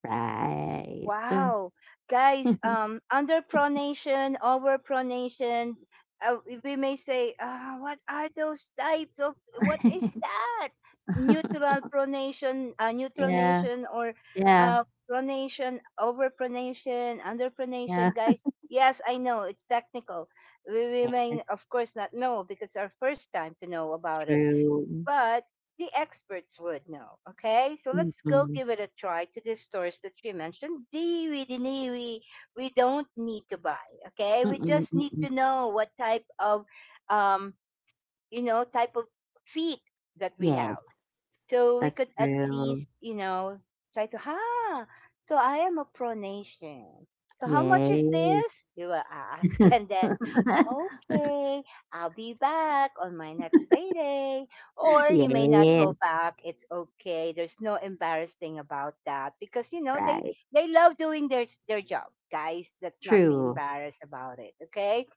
Speaker 2: Right.
Speaker 1: Wow, guys,
Speaker 2: <laughs>
Speaker 1: underpronation, overpronation, uh, we may say, ah, what are those types of, what is that? Neutral pronation, neutral
Speaker 2: Yeah.
Speaker 1: nation, or
Speaker 2: Yeah.
Speaker 1: uh, pronation, overpronation,
Speaker 2: Yeah.
Speaker 1: underpronation, guys. Yes, I know it's technical. We
Speaker 2: Yes,
Speaker 1: may, of course, not know because our first time to know about it,
Speaker 2: true.
Speaker 1: but the experts would know. Okay, so let's go
Speaker 2: Mm-mm.
Speaker 1: give it a try to these stores that she mentioned. Diwi, diniwi, we don't need to buy. Okay, we
Speaker 2: Mm-mm,
Speaker 1: just need
Speaker 2: mm-mm.
Speaker 1: to know what type of, um, you know, type of feet that we
Speaker 2: Yes,
Speaker 1: have. So we
Speaker 2: that's
Speaker 1: could at
Speaker 2: true.
Speaker 1: least, you know, try to, ha, so I am a pronation. So how much is
Speaker 2: Yes.
Speaker 1: this? You will ask. <laughs> And then,
Speaker 2: <laughs>
Speaker 1: okay, I'll be back on my next payday. Or you may not go
Speaker 2: Yes,
Speaker 1: back. It's okay. There's no embarrassing about that because, you know,
Speaker 2: right.
Speaker 1: they love doing their job. Guys, let's not be
Speaker 2: True.
Speaker 1: embarrassed about it. Okay.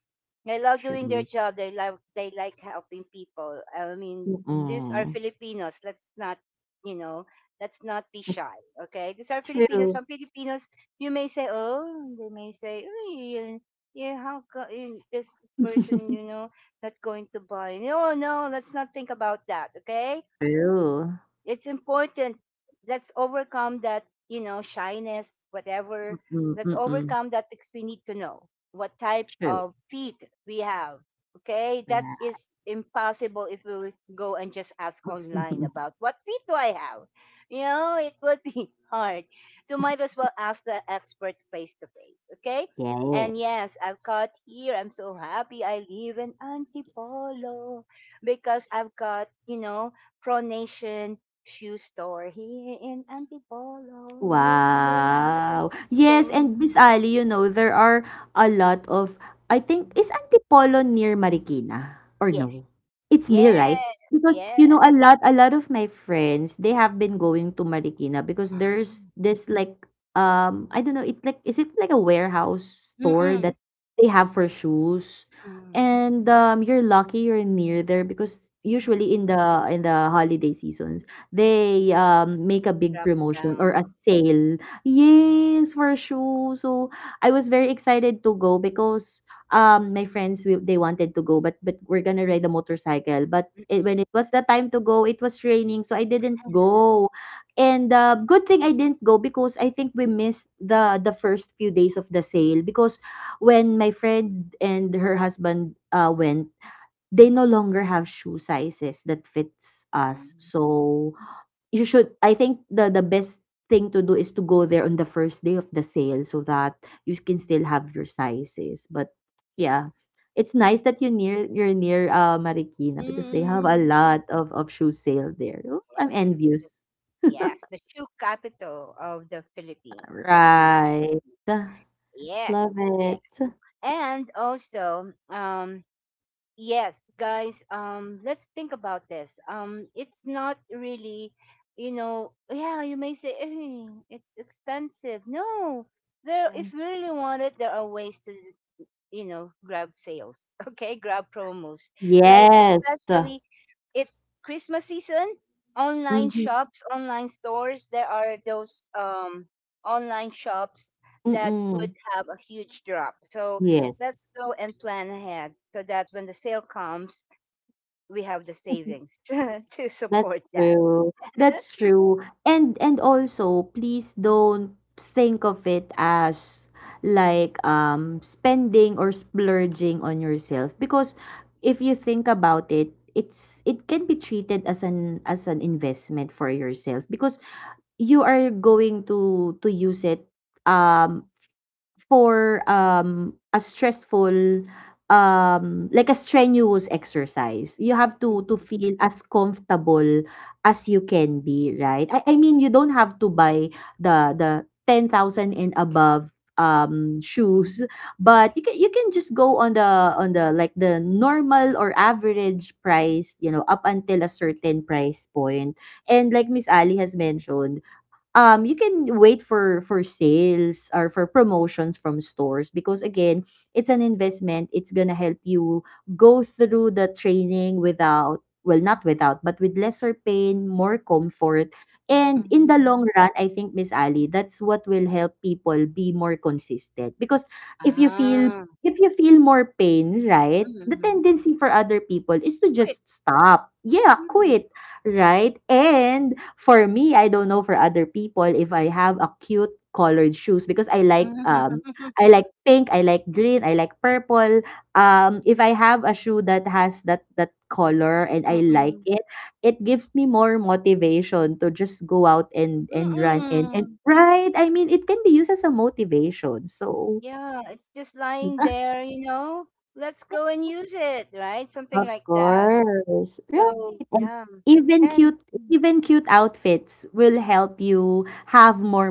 Speaker 1: They love doing their
Speaker 2: True.
Speaker 1: job. They love, they like helping people. I mean, these are
Speaker 2: Mm-mm.
Speaker 1: Filipinos. Let's not, you know, let's not be shy. Okay, these are Filipinos.
Speaker 2: True.
Speaker 1: Some Filipinos, you may say, oh, they may say, "Uy, yeah, how co- eh, this person, you
Speaker 2: <laughs>
Speaker 1: know, not going to buy?" No, no, let's not think about that. Okay,
Speaker 2: True.
Speaker 1: it's important, let's overcome that, you know, shyness whatever. Let's
Speaker 2: Mm-mm.
Speaker 1: overcome that because we need to know what type
Speaker 2: True.
Speaker 1: of feet we have. Okay,
Speaker 2: Yeah.
Speaker 1: that is impossible if we go and just ask online
Speaker 2: <laughs>
Speaker 1: about what feet do I have. You know, it would be <laughs> hard. So might as well ask the expert face to face. Okay, and
Speaker 2: Yes.
Speaker 1: yes, I've got here, I'm so happy I live in Antipolo because I've got, you know, pronation shoe store here in Antipolo. Yeah, yeah, yeah.
Speaker 2: Wow. Yes, and
Speaker 1: Dum.
Speaker 2: Miss Ali, you know, there are a lot of, I think,
Speaker 1: Mhm.
Speaker 2: is Antipolo near Marikina or
Speaker 1: Yes.
Speaker 2: no? It's near, right?
Speaker 1: Yes.
Speaker 2: Because,
Speaker 1: Yeah.
Speaker 2: you know, a lot of my friends, they have been going to Marikina because
Speaker 1: Ah.
Speaker 2: there's this like, I don't know, it's like, is it like a warehouse store that
Speaker 1: Mm-mm.
Speaker 2: they have for shoes?
Speaker 1: Mm-mm.
Speaker 2: And you're lucky you're near there because usually
Speaker 1: Mm-mm.
Speaker 2: in the holiday seasons they, make a big
Speaker 1: Drop
Speaker 2: promotion or
Speaker 1: down.
Speaker 2: a sale. Yes, for sure. So I was very excited to go because my friends they wanted to go, but we're gonna ride a motorcycle. But
Speaker 1: Yeah. Mm-mm.
Speaker 2: when it was the time to go, it was raining, so I didn't go. And good thing I didn't go because I think we missed the first few days of the sale because when my friend and her husband went they no longer have shoe sizes that fits us.
Speaker 1: Um,
Speaker 2: So you should I think the best thing to do is to go there on the first day of the sale so that you can still have your sizes. But yeah, it's nice that you're near Marikina because they have a
Speaker 1: Mm-mm.
Speaker 2: lot of shoe sale there. Oh, I'm
Speaker 1: Yes. The-
Speaker 2: envious.
Speaker 1: Yes. The shoe capital of the
Speaker 2: <laughs>
Speaker 1: Philippines. Mm.
Speaker 2: Right.
Speaker 1: Yeah.
Speaker 2: Love
Speaker 1: Yeah.
Speaker 2: it.
Speaker 1: And also, yes, guys, um, let's think about this, um, it's not really, you know, yeah, you may say, "Eh, it's expensive, no." There,
Speaker 2: Yeah.
Speaker 1: if you really want it, there are ways to, you know, grab sales, <laughs> okay, grab promos, like
Speaker 2: Yes.
Speaker 1: especially it's Christmas season, online
Speaker 2: Mm-hmm.
Speaker 1: shops, online stores, there are those online shops that would
Speaker 2: Mm-mm.
Speaker 1: have a huge drop. So
Speaker 2: Yes.
Speaker 1: let's go and plan ahead so that when the sale comes, we have the
Speaker 2: <laughs>
Speaker 1: savings <laughs> to support that.
Speaker 2: That's true, and also please don't think of it as like, spending or splurging on yourself because if you think about it, it can be treated as an investment for yourself because you are going to use it, um, for, a stressful, like a strenuous exercise, you have to
Speaker 1: Mm-hmm.
Speaker 2: feel as comfortable as you can be, right? I mean, you don't have to buy the 10,000 and above, shoes, but you can just go on the like the normal or average price, you know, up until a certain price point. And like Miss Ali has mentioned, um, you can wait for sales or for promotions from stores because again it's an investment, it's gonna help you go through the training without not without but with lesser pain, more comfort, and in the
Speaker 1: Mm-hmm.
Speaker 2: long run I think Miss Ali that's what will help people be more consistent because if you feel
Speaker 1: Ah.
Speaker 2: if you feel more pain, right, the
Speaker 1: Mm-hmm.
Speaker 2: tendency for other people is to
Speaker 1: Wait.
Speaker 2: just stop, yeah,
Speaker 1: Mm.
Speaker 2: quit. Right? And for me, I don't know for other people if I have a cute colored shoes because
Speaker 1: <laughs>
Speaker 2: I like pink, I like green, I like purple. Um, if I have a shoe that has that color and I like
Speaker 1: Mm-mm.
Speaker 2: it gives me more motivation to just go out and run and
Speaker 1: Mm-mm.
Speaker 2: right? I mean, it can be used as a motivation. So
Speaker 1: Yeah, it's just lying
Speaker 2: <laughs>
Speaker 1: there, you know. Let's go and use it, right? Something
Speaker 2: Of
Speaker 1: like that.
Speaker 2: course.
Speaker 1: So,
Speaker 2: Right. And
Speaker 1: yeah.
Speaker 2: even
Speaker 1: And
Speaker 2: cute even cute outfits will help you have more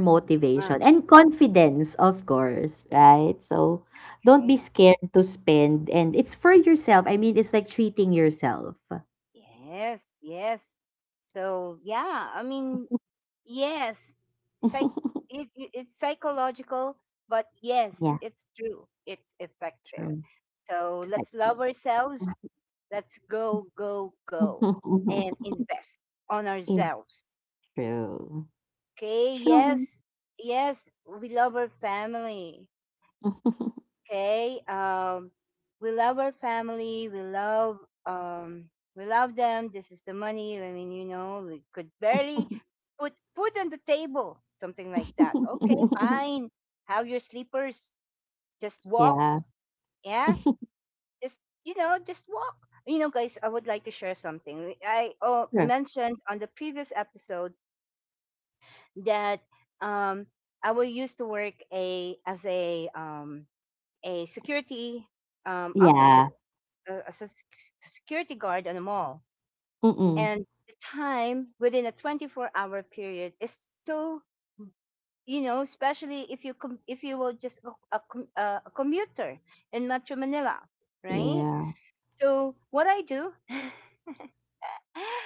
Speaker 1: uh,
Speaker 2: motivation and confidence, of course, right? So don't be
Speaker 1: and
Speaker 2: scared to spend and it's for yourself. I mean, it's like treating yourself.
Speaker 1: yes, yes. So, yeah, I mean, yes. Psych,
Speaker 2: <laughs>
Speaker 1: it's psychological, but yes,
Speaker 2: Yeah,
Speaker 1: it's true. It's effective.
Speaker 2: true.
Speaker 1: So,
Speaker 2: It's
Speaker 1: let's
Speaker 2: effective.
Speaker 1: love ourselves. Let's go, go, go and
Speaker 2: <laughs>
Speaker 1: invest on
Speaker 2: It's
Speaker 1: ourselves.
Speaker 2: true.
Speaker 1: Okay,
Speaker 2: True.
Speaker 1: yes, yes, we love our family.
Speaker 2: <laughs>
Speaker 1: Okay, we love our family. Um, we love them. This is the money. I mean, you know, we could barely put food on the table, something like that. Okay, fine. Have your sleepers. Just walk.
Speaker 2: Yeah.
Speaker 1: Yeah, just, you know, just walk. You know, guys, I would like to share something I, oh,
Speaker 2: Sure.
Speaker 1: mentioned on the previous episode that um, I will used to work a as a security officer,
Speaker 2: Yeah.
Speaker 1: as a sec- security guard on a mall,
Speaker 2: Mm-mm.
Speaker 1: and the time within a 24-hour hour period is so, you know, especially if you com- if you will just com- a commuter in Metro Manila, right?
Speaker 2: Yeah.
Speaker 1: So what I do,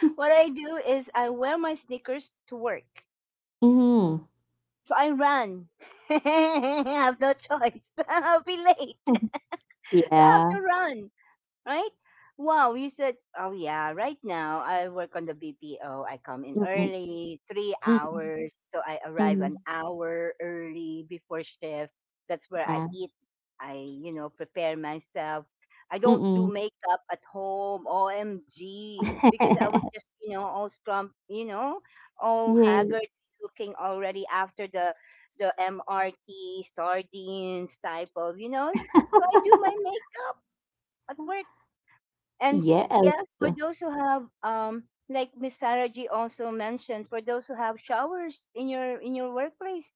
Speaker 2: Mhm.
Speaker 1: what I do is I wear my sneakers to work.
Speaker 2: Mhm.
Speaker 1: So I ran. <laughs> I have no choice. <laughs> I'll be late. <laughs> I have to
Speaker 2: Yeah.
Speaker 1: run, right? Wow, you said, oh yeah, right now I work on the BPO. I come in
Speaker 2: Mm-mm,
Speaker 1: early, three
Speaker 2: mm-mm,
Speaker 1: hours. So I arrive
Speaker 2: mm,
Speaker 1: an hour early before shift. That's where I
Speaker 2: yeah,
Speaker 1: eat. I, you know, prepare myself. I don't do
Speaker 2: mm-mm.
Speaker 1: makeup at home, OMG, because I was just,
Speaker 2: <laughs>
Speaker 1: you know, all scrum, you know, all
Speaker 2: Yeah,
Speaker 1: haggard looking already after the MRT, sardines type of, you know. So I do my makeup at work, and
Speaker 2: yes,
Speaker 1: yes, for those who have um, like Miss Sarah G also mentioned, for those who have showers in your workplace,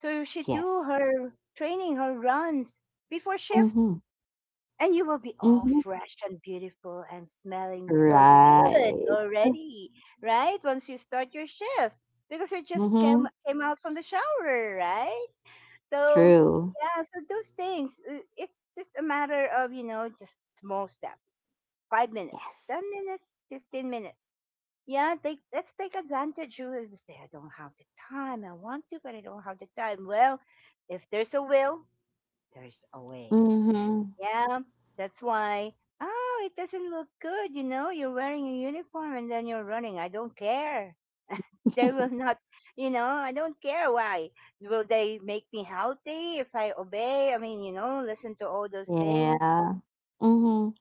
Speaker 1: so she do
Speaker 2: yes.
Speaker 1: her training, her runs before shift,
Speaker 2: Mhm,
Speaker 1: and you will be all
Speaker 2: mhm.
Speaker 1: fresh and beautiful and smelling so good
Speaker 2: Right.
Speaker 1: already, right? Once you start your shift. Because you just came
Speaker 2: Mhm.
Speaker 1: came out from the shower, right? So
Speaker 2: True.
Speaker 1: yeah, so those things, it's just a matter of, you know, just small steps. 5 minutes,
Speaker 2: Yes.
Speaker 1: 10 minutes, 15 minutes. Yeah, they, let's take advantage. You will say, I don't have the time. I want to, but I don't have the time. Well, if there's a will, there's a way.
Speaker 2: Mhm.
Speaker 1: Yeah, that's why. Oh, it doesn't look good. You know, you're wearing a uniform and then you're running. I don't care. They will not, you know, I don't care why. Will they make me healthy if I obey? I mean, you know, listen to all those things.
Speaker 2: Yeah. Mhm.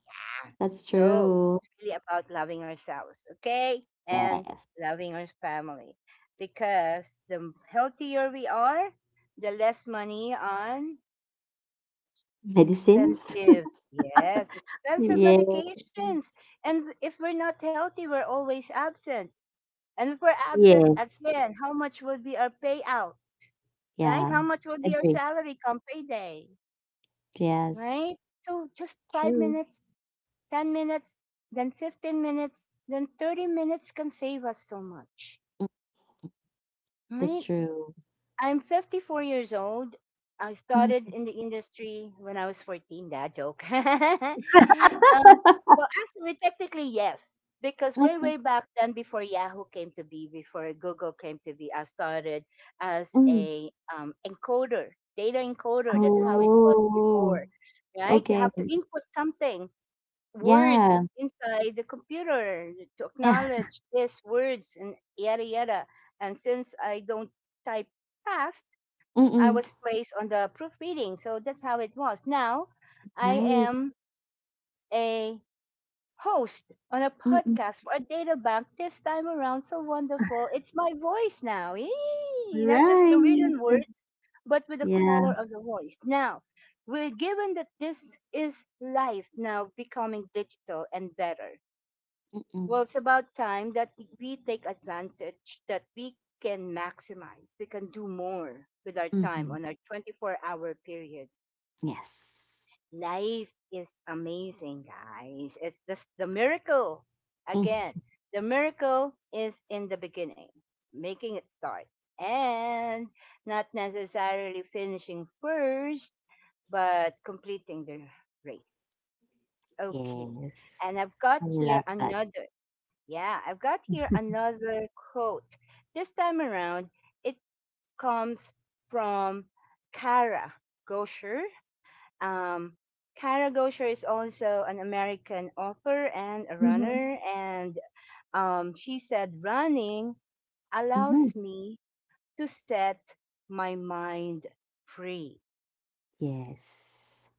Speaker 1: Yeah.
Speaker 2: That's
Speaker 1: So
Speaker 2: true.
Speaker 1: it's really about loving ourselves, okay? And
Speaker 2: Yes.
Speaker 1: loving our family. Because the healthier we are, the less money on
Speaker 2: Medicines? <laughs>
Speaker 1: expensive, yes, expensive
Speaker 2: Yes.
Speaker 1: medications. And if we're not healthy, we're always absent. And if we're absent
Speaker 2: Yes.
Speaker 1: again, how much would be our payout, right?
Speaker 2: Yeah.
Speaker 1: How much would be our
Speaker 2: Agree.
Speaker 1: salary come payday,
Speaker 2: Yes.
Speaker 1: right? So just five
Speaker 2: True.
Speaker 1: minutes 10 minutes, then 15 minutes, then 30 minutes can save us so much.
Speaker 2: Mm, that's
Speaker 1: Right?
Speaker 2: true.
Speaker 1: I'm 54 years old. I
Speaker 2: Mhm.
Speaker 1: started in the industry when I was 14. That joke. <laughs> Um,
Speaker 2: <laughs>
Speaker 1: well, actually, technically, yes. Because
Speaker 2: Like
Speaker 1: way, way back then, before Yahoo came to be, before Google came to be, I started as
Speaker 2: Ừm.
Speaker 1: a encoder, data encoder. That's how it was
Speaker 2: Oh,
Speaker 1: before, right? You
Speaker 2: okay.
Speaker 1: have to input something, words
Speaker 2: Yeah.
Speaker 1: inside the computer to
Speaker 2: Yeah.
Speaker 1: acknowledge these words and yada yada. And since I don't type fast, I
Speaker 2: Mm,
Speaker 1: was placed on the proofreading. So that's how it was. Now I
Speaker 2: nice.
Speaker 1: am a host on a
Speaker 2: Mm.
Speaker 1: podcast for a data bank this time around. So wonderful. It's my voice now. Yee! Not just the
Speaker 2: Right.
Speaker 1: written words, but with the
Speaker 2: Yeah.
Speaker 1: color of the voice. Now, we're given that this is life now becoming digital and better. Well,
Speaker 2: Mm.
Speaker 1: it's about time that we take advantage, that we can maximize, we can do more with our time
Speaker 2: Mhm.
Speaker 1: on our 24-hour hour period.
Speaker 2: Yes.
Speaker 1: Life is amazing, guys. It's just the miracle.
Speaker 2: Mm.
Speaker 1: Again, the miracle is in the beginning, making it start, and not necessarily finishing first, but completing the race. Okay.
Speaker 2: Yes.
Speaker 1: And I've got
Speaker 2: I
Speaker 1: here
Speaker 2: love that.
Speaker 1: another. Yeah, I've got here another quote. This time around, it comes from Kara Gosher. Um, Kara Gosher is also an American author and a
Speaker 2: Mhm.
Speaker 1: runner, and she said, running
Speaker 2: Mhm.
Speaker 1: allows me to set my mind free.
Speaker 2: Yes.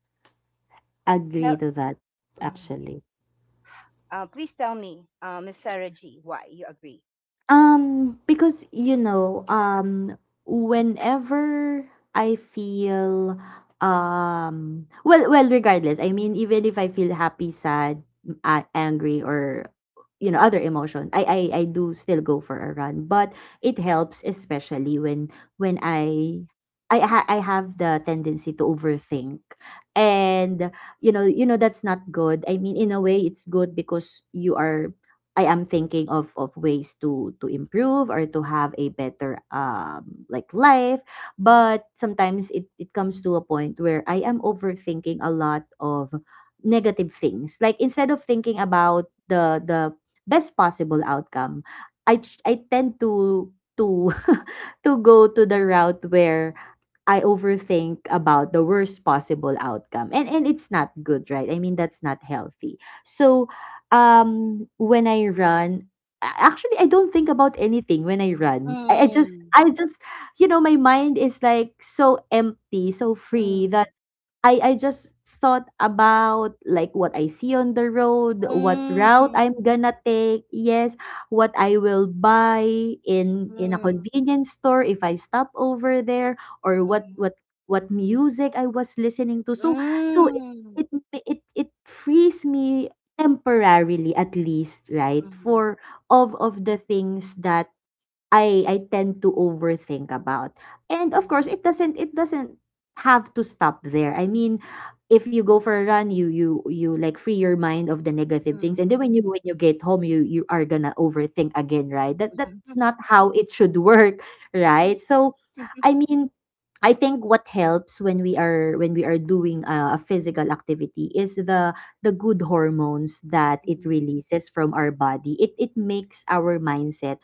Speaker 2: Agree
Speaker 1: Kel-
Speaker 2: to that,
Speaker 1: Mhm.
Speaker 2: actually.
Speaker 1: Uh, please tell me, Miss Sarah G, why you agree.
Speaker 2: Because you know, whenever I feel, regardless. I mean, even if I feel happy, sad, angry, or you know, other emotion, I do still go for a run. But it helps, especially when when I. I have the tendency to overthink and you know that's not good. I mean, in a way it's good because you are I am thinking of ways to improve or to have a better like life, but sometimes it comes to a point where I am overthinking a lot of negative things, like instead of thinking about the best possible outcome, I tend to to <laughs> to go to the route where I overthink about the worst possible outcome. And it's not good, right? I mean, that's not healthy. So, um, when I run, actually I don't think about anything when I run. I just
Speaker 1: Mm,
Speaker 2: you know, my mind is like so empty, so free.
Speaker 1: mm,
Speaker 2: I just thought about, like, what I see on the road, what route I'm
Speaker 1: mm,
Speaker 2: gonna take, yes, what I will buy in a
Speaker 1: mm.
Speaker 2: convenience store if I stop over there, or
Speaker 1: Mhm.
Speaker 2: what music I was listening to. So so
Speaker 1: Mm.
Speaker 2: it it it frees me temporarily at least, right,
Speaker 1: Mhm,
Speaker 2: for of the things that I tend to overthink about. And of course,
Speaker 1: mhm,
Speaker 2: it doesn't have to stop there. I mean, if you go for a run, you like free your mind of the negative things, and then
Speaker 1: mhm,
Speaker 2: when you get home, you are gonna overthink again, right? That's not how it should work, <laughs> right? So, I
Speaker 1: mhm.
Speaker 2: mean, I think what helps when we are doing a physical activity is the good hormones that it
Speaker 1: Mm,
Speaker 2: releases from our body. It makes our mindset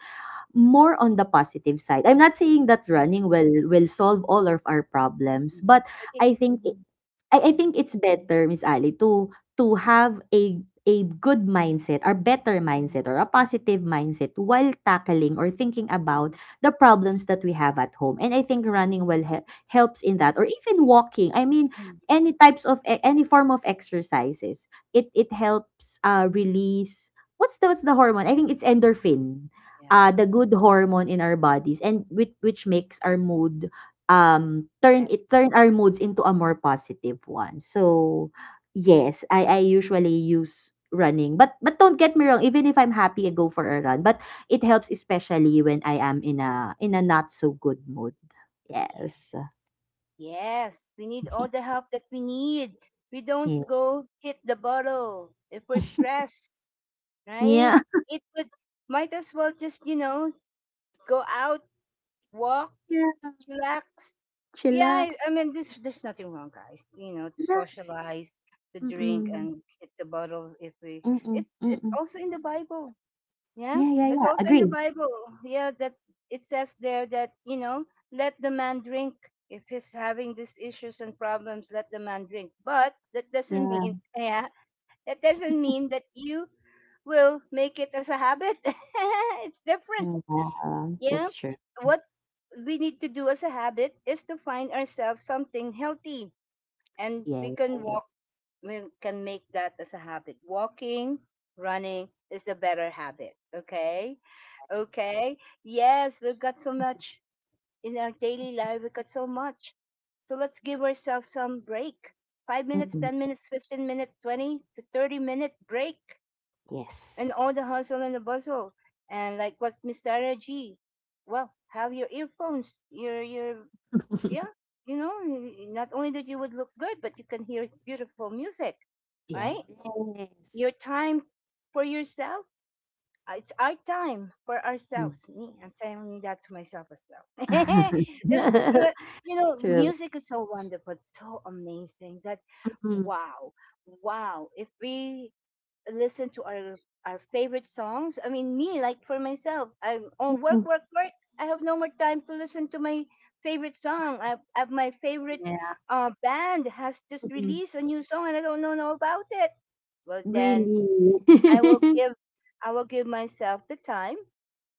Speaker 2: more on the positive side. I'm not saying that
Speaker 1: mm,
Speaker 2: running will solve all of our problems,
Speaker 1: mhm.
Speaker 2: but
Speaker 1: But it
Speaker 2: I think
Speaker 1: Mhm,
Speaker 2: I
Speaker 1: mhm,
Speaker 2: think it's better, Miss Ali, to have a good mindset or better
Speaker 1: mhm,
Speaker 2: mindset or a positive mindset while tackling or thinking about
Speaker 1: mhm,
Speaker 2: the problems that we have at home. And I think
Speaker 1: mhm,
Speaker 2: running helps in that or even walking. I mean,
Speaker 1: mhm.
Speaker 2: any types of any form of exercises. It helps release what's the hormone? I think it's endorphin. Uh,
Speaker 1: Yeah,
Speaker 2: the good hormone in our bodies and which makes our mood
Speaker 1: very
Speaker 2: turn our moods into a more positive one. So yes, I usually use running. But don't get me wrong, even if I'm happy I go for a run, but it helps especially when I am in a not so good mood.
Speaker 1: good.
Speaker 2: Yes.
Speaker 1: Yes, we need all the help that we need. We don't
Speaker 2: Yeah.
Speaker 1: go hit the bottle if we're
Speaker 2: <laughs>
Speaker 1: stressed, right?
Speaker 2: Yeah.
Speaker 1: It would, might as well just, you know, go out, walk,
Speaker 2: Yeah.
Speaker 1: chillax. Yeah,
Speaker 2: Chillax.
Speaker 1: I mean, this, there's nothing wrong, guys. You know, to
Speaker 2: Yeah.
Speaker 1: socialize, to drink,
Speaker 2: Mm-mm.
Speaker 1: and hit the bottle if we.
Speaker 2: Mm-mm.
Speaker 1: It's
Speaker 2: Mm-mm.
Speaker 1: also in the Bible. Yeah,
Speaker 2: Yeah, yeah,
Speaker 1: it's
Speaker 2: yeah.
Speaker 1: also in the
Speaker 2: Agree.
Speaker 1: Bible. Yeah, that it says there that, you know, let the man drink if he's having these issues and problems. Let the man drink, but that doesn't
Speaker 2: Yeah.
Speaker 1: mean <laughs> yeah, that doesn't mean that you will make it as a habit. <laughs> It's different.
Speaker 2: Yeah.
Speaker 1: Yeah.
Speaker 2: That's true.
Speaker 1: What we need to do as a habit is to find ourselves something healthy and
Speaker 2: Yeah.
Speaker 1: we can make that as a habit. Walking, running is the better habit, okay? Okay. Yes, we've got so much in our daily life. We've got so much. So let's give ourselves some break. 5 minutes,
Speaker 2: Mm-mm.
Speaker 1: 10 minutes, 15 minutes, 20 to 30 minute break and
Speaker 2: Yes.
Speaker 1: all the hustle and the bustle. And like what Mr. RG, well, have your earphones, your yeah,
Speaker 2: <laughs>
Speaker 1: you know, not only that you would look good, but you can hear beautiful music, right? Your
Speaker 2: Yes.
Speaker 1: time for yourself. It's our time for
Speaker 2: Mm.
Speaker 1: ourselves. Me, I'm saying that to myself as well. <laughs>
Speaker 2: <laughs>
Speaker 1: And- but,
Speaker 2: True.
Speaker 1: music is so wonderful, it's so amazing that
Speaker 2: Mm-mm.
Speaker 1: wow, wow. If we listen to our favorite songs. I mean, me, like for myself, I'm on work,
Speaker 2: Mm-mm.
Speaker 1: work, work. I have no more time to listen to my favorite song. I have my favorite
Speaker 2: Yeah.
Speaker 1: band has just
Speaker 2: Mm-mm.
Speaker 1: released a new song, and I don't know about it. Well, then
Speaker 2: Really.
Speaker 1: I will
Speaker 2: <laughs>
Speaker 1: give I will give myself the time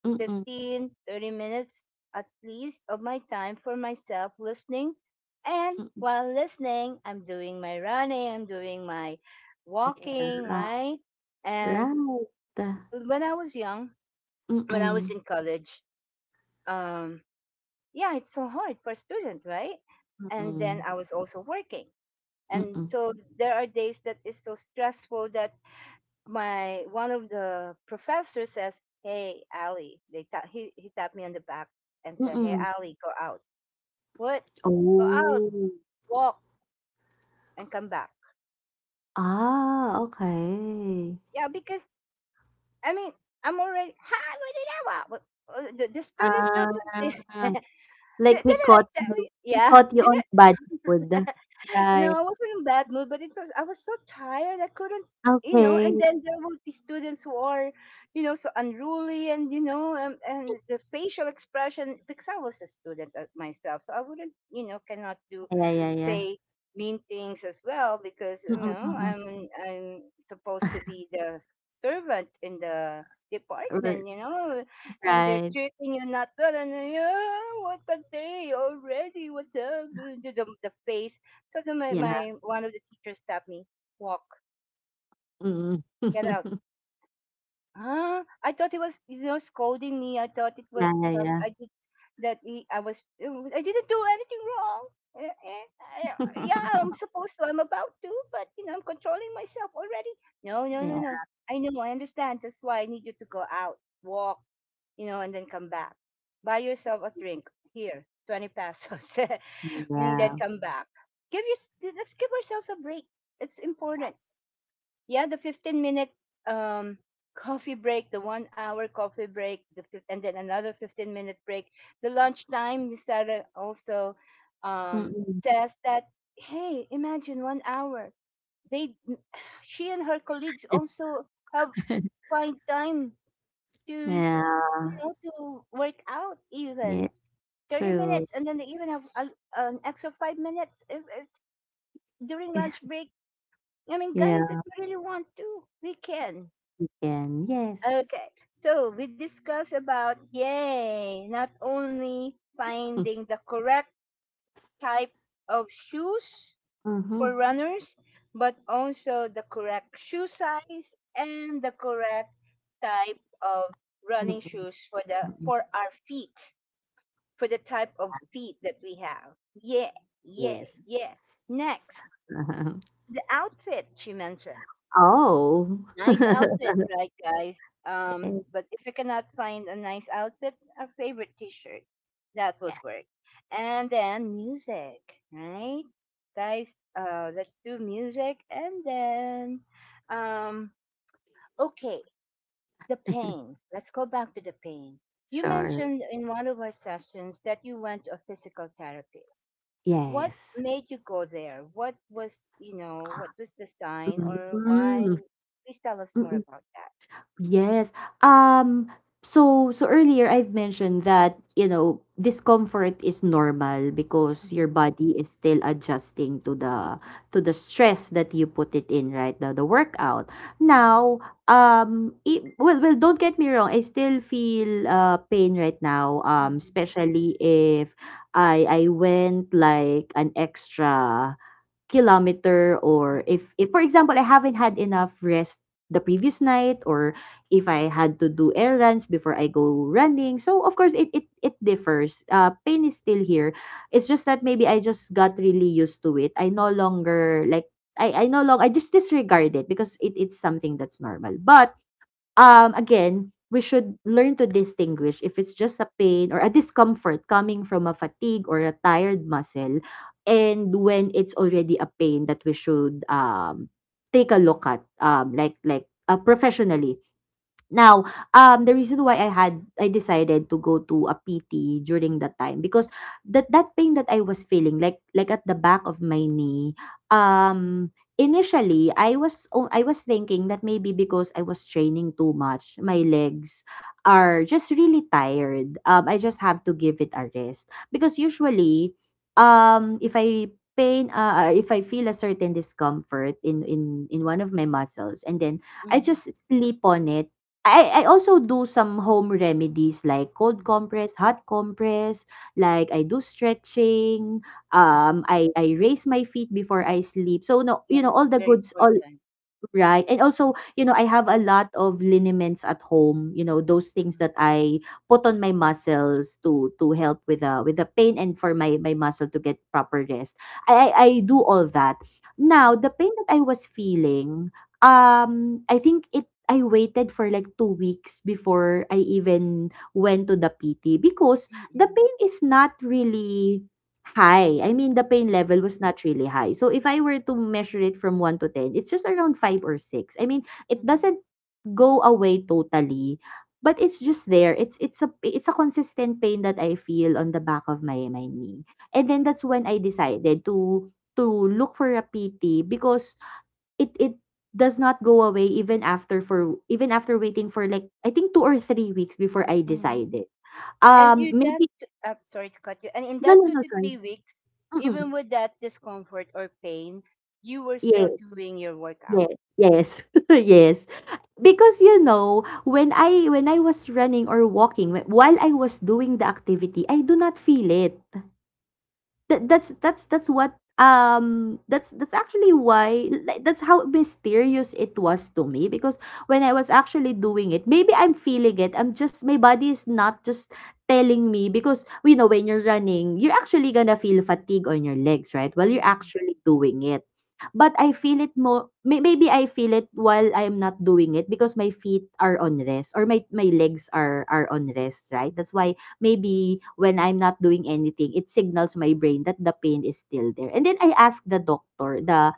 Speaker 2: Mm-mm.
Speaker 1: 15, 30 minutes at least of my time for myself listening. And
Speaker 2: Mm-mm.
Speaker 1: while listening, I'm doing my running, I'm doing my
Speaker 2: Yeah.
Speaker 1: walking, right? And
Speaker 2: Right.
Speaker 1: when I was young, when I was
Speaker 2: Mm-mm.
Speaker 1: in college, um, yeah, it's so hard for a student, right? And then
Speaker 2: Mm-mm.
Speaker 1: I was also working. And
Speaker 2: Mm-mm.
Speaker 1: so there are days that is so stressful that my one of the professors says, "Hey, Ali," they ta- he tapped me on the back and said, "Hey,
Speaker 2: Mm-mm.
Speaker 1: Ali, go out." What? Go out,
Speaker 2: Oh.
Speaker 1: walk, and come back.
Speaker 2: Ah, okay.
Speaker 1: Yeah, because I mean, I'm already. Hi, what did I want? The students don't. <laughs> did,
Speaker 2: Ah, like
Speaker 1: didn't
Speaker 2: he
Speaker 1: I
Speaker 2: caught
Speaker 1: tell
Speaker 2: you.
Speaker 1: you?
Speaker 2: He
Speaker 1: Yeah.
Speaker 2: caught you
Speaker 1: Did
Speaker 2: on
Speaker 1: I,
Speaker 2: bad food. Right.
Speaker 1: no, I wasn't in a bad mood, but it was I was so tired I couldn't and
Speaker 2: Okay.
Speaker 1: then there would be students who are, so unruly and and the facial expression because I was a student myself, so I wouldn't, cannot do
Speaker 2: Yeah, yeah, yeah, yeah.
Speaker 1: say mean things as well because
Speaker 2: Mm-mm, mm-mm.
Speaker 1: I'm supposed to be the servant in the department,
Speaker 2: <laughs>
Speaker 1: and they're
Speaker 2: Right.
Speaker 1: treating you not well, and then, yeah, what a day already, what's up? <laughs> The face. So then my,
Speaker 2: Yeah.
Speaker 1: my one of the teachers stopped me, walk,
Speaker 2: Mm.
Speaker 1: get out,
Speaker 2: <laughs>
Speaker 1: ah, I thought it was, scolding me. I thought it
Speaker 2: Yeah,
Speaker 1: was
Speaker 2: yeah,
Speaker 1: some.
Speaker 2: yeah.
Speaker 1: I did that. He, I was. I didn't do anything wrong. Eh, eh, I, yeah,
Speaker 2: <laughs>
Speaker 1: I'm supposed to. I'm about to, but I'm controlling myself already. No, no, no,
Speaker 2: Yeah,
Speaker 1: no. I know. I understand. That's why I need you to go out, walk, and then come back. Buy yourself a drink here, 20 pesos, <laughs> and then
Speaker 2: yeah.
Speaker 1: come back. Give your. Let's give ourselves a break. It's important, yeah, the 15 minute um, coffee break, the 1 hour coffee break, and then another 15-minute break. The lunchtime, Nisara also um,
Speaker 2: Mm.
Speaker 1: says that, hey, imagine 1 hour. They, <sighs> she and her colleagues also have
Speaker 2: <laughs>
Speaker 1: find time to, you
Speaker 2: Yeah.
Speaker 1: to work out even
Speaker 2: Yeah,
Speaker 1: 30
Speaker 2: true.
Speaker 1: minutes and then they even have an extra 5 minutes if during lunch
Speaker 2: <laughs>
Speaker 1: break. I mean,
Speaker 2: Yeah,
Speaker 1: guys, if we really want to, we can.
Speaker 2: and yes.
Speaker 1: Okay. So we discuss about yay, not only
Speaker 2: <laughs>
Speaker 1: finding the correct type of shoes for
Speaker 2: Mhm.
Speaker 1: runners, but also the correct shoe size and the correct type of
Speaker 2: Mm,
Speaker 1: running shoes for the
Speaker 2: mm.
Speaker 1: for our feet, for the type of feet that we have. Yeah, yeah,
Speaker 2: Yes.
Speaker 1: yeah. Next,
Speaker 2: Uh-huh.
Speaker 1: the outfit she mentioned.
Speaker 2: Oh.
Speaker 1: Nice outfit,
Speaker 2: <laughs>
Speaker 1: right, guys?
Speaker 2: Yeah,
Speaker 1: But if you cannot find a nice outfit, a favorite T-shirt, that would work. And then music, right, guys? Let's do music, and then, um, okay, the pain. Let's go back to the pain. You
Speaker 2: sure.
Speaker 1: mentioned in one of our sessions that you went to a physical therapist. What
Speaker 2: Yes.
Speaker 1: made you go there? What was, what was the sign, or why? Please tell us more
Speaker 2: Mm.
Speaker 1: about that.
Speaker 2: Yes. Um so earlier I've mentioned that, discomfort is normal because your
Speaker 1: Mhm,
Speaker 2: body is still adjusting to the stress that you put it in, right? The workout.
Speaker 1: mhm,
Speaker 2: Now, it, well well don't get me wrong, I still feel pain right now,
Speaker 1: mhm,
Speaker 2: especially if I went like an extra kilometer or if for example I haven't had enough rest the previous night or if I had to do errands before I go running. So of course it differs. Pain is still here. It's just that maybe I just got really used to it. I no longer like I no longer I just disregard it because it's something that's normal. But again we should learn to distinguish if it's just a pain or a discomfort coming from a fatigue or a tired muscle, and when it's already a pain that we should take a look at professionally. Now, the reason why I decided to go to a PT during that time, because that pain that I was feeling like at the back of my knee, initially I was thinking that maybe because I was training too much, my legs are just really tired. I just have to give it a rest because usually, um, if I if I feel a certain discomfort in one of my muscles, and then I
Speaker 1: mhm,
Speaker 2: just sleep on it. I also do some home remedies like cold
Speaker 1: mm,
Speaker 2: compress, hot compress, like I do stretching, um
Speaker 1: mhm.
Speaker 2: I I raise my feet before I sleep. So no, you know,
Speaker 1: Yes,
Speaker 2: all the
Speaker 1: very
Speaker 2: good, all
Speaker 1: important.
Speaker 2: right. And also, you know, I have a lot of liniments at home, you know, those things
Speaker 1: Mhm,
Speaker 2: that I put on my muscles to help with the pain and for my my muscle to get proper rest. I do all that. Now,
Speaker 1: mhm,
Speaker 2: the pain that I was feeling, I think it I waited for like 2 weeks before I even went to the PT because the
Speaker 1: mhm,
Speaker 2: pain is not really high. I mean, the pain
Speaker 1: mhm,
Speaker 2: level was not really high. So if I were to measure it from 1 to 10, it's just around 5 or 6. I mean, it
Speaker 1: mhm,
Speaker 2: doesn't go away totally, but it's just there. It's a consistent pain that I feel on the back of my my knee. And then that's when
Speaker 1: mhm,
Speaker 2: I decided to look for a PT because it does not go away even after, for even after waiting for like I think 2 or 3 weeks before I
Speaker 1: mhm.
Speaker 2: decided.
Speaker 1: And
Speaker 2: Um,
Speaker 1: in that,
Speaker 2: maybe
Speaker 1: t- Sorry to cut you. And in
Speaker 2: no no
Speaker 1: that two
Speaker 2: no
Speaker 1: to
Speaker 2: sorry.
Speaker 1: three weeks,
Speaker 2: Mm-mm.
Speaker 1: even with that discomfort or pain, you were
Speaker 2: Yes.
Speaker 1: still doing your workout.
Speaker 2: Yes, yes, <laughs> yes. Because you know, when I was running or walking, while I was doing the activity, I do not feel it. That's what that's actually why, like, that's how mysterious it was to me. Because when I was actually doing it, maybe I'm feeling it, I'm just, my body is not just telling me, because you know, when you're running you're actually gonna feel fatigue on your legs, right, while you're
Speaker 1: Mhm,
Speaker 2: actually doing it. But I feel it more, maybe I feel it while I'm not doing it, because my feet are on rest or my legs are on rest, right? That's why maybe when I'm not doing anything, it signals my brain that the pain is still there. And then I asked the doctor, the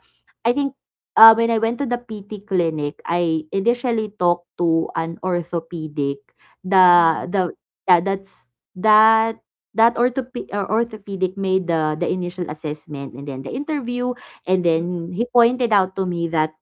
Speaker 2: I think when I went to the PT clinic, I initially talked to an orthopedic.
Speaker 1: mhm,
Speaker 2: The Yeah, that's that that orthopedic, orthopedic made the initial assessment and then the interview, and
Speaker 1: mhm.
Speaker 2: then he pointed out to me that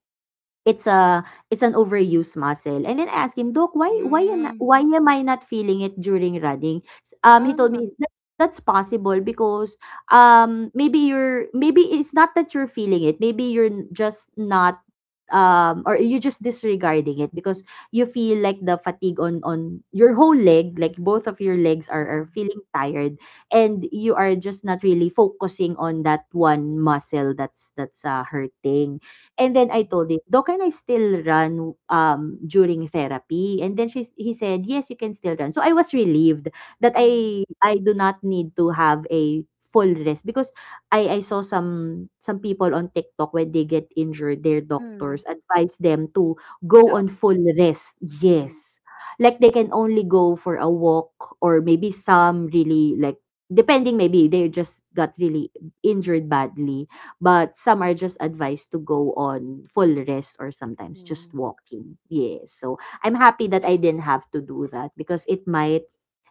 Speaker 2: it's a it's an overused muscle. And then I asked him, "Doc, why am not,
Speaker 1: Mhm.
Speaker 2: why am I not feeling it during running?"
Speaker 1: Ah,
Speaker 2: He told me that that's possible because maybe you're, maybe it's not that you're feeling it. Just not um, or you're just disregarding it because you feel like the fatigue on your whole leg, like both of your legs are
Speaker 1: mhm,
Speaker 2: feeling tired, and you are just not really focusing on that one muscle that's hurting. And then I
Speaker 1: mhm,
Speaker 2: told him, "Though, can I still run, during therapy?" And then she he said, "Yes, you can still run." So I was relieved that
Speaker 1: mhm,
Speaker 2: I do not need to have a full rest because I saw some people on TikTok when they get injured, their doctors
Speaker 1: mhm.
Speaker 2: advise them to go on
Speaker 1: Stop.
Speaker 2: full rest.
Speaker 1: Mhm,
Speaker 2: Yes. Like they can only go for a walk, or maybe some really, like, depending, maybe they just got really injured badly. But some are just advised to go on full rest or sometimes just
Speaker 1: mhm.
Speaker 2: walking. Yes. So I'm happy that I didn't have to do that because it might,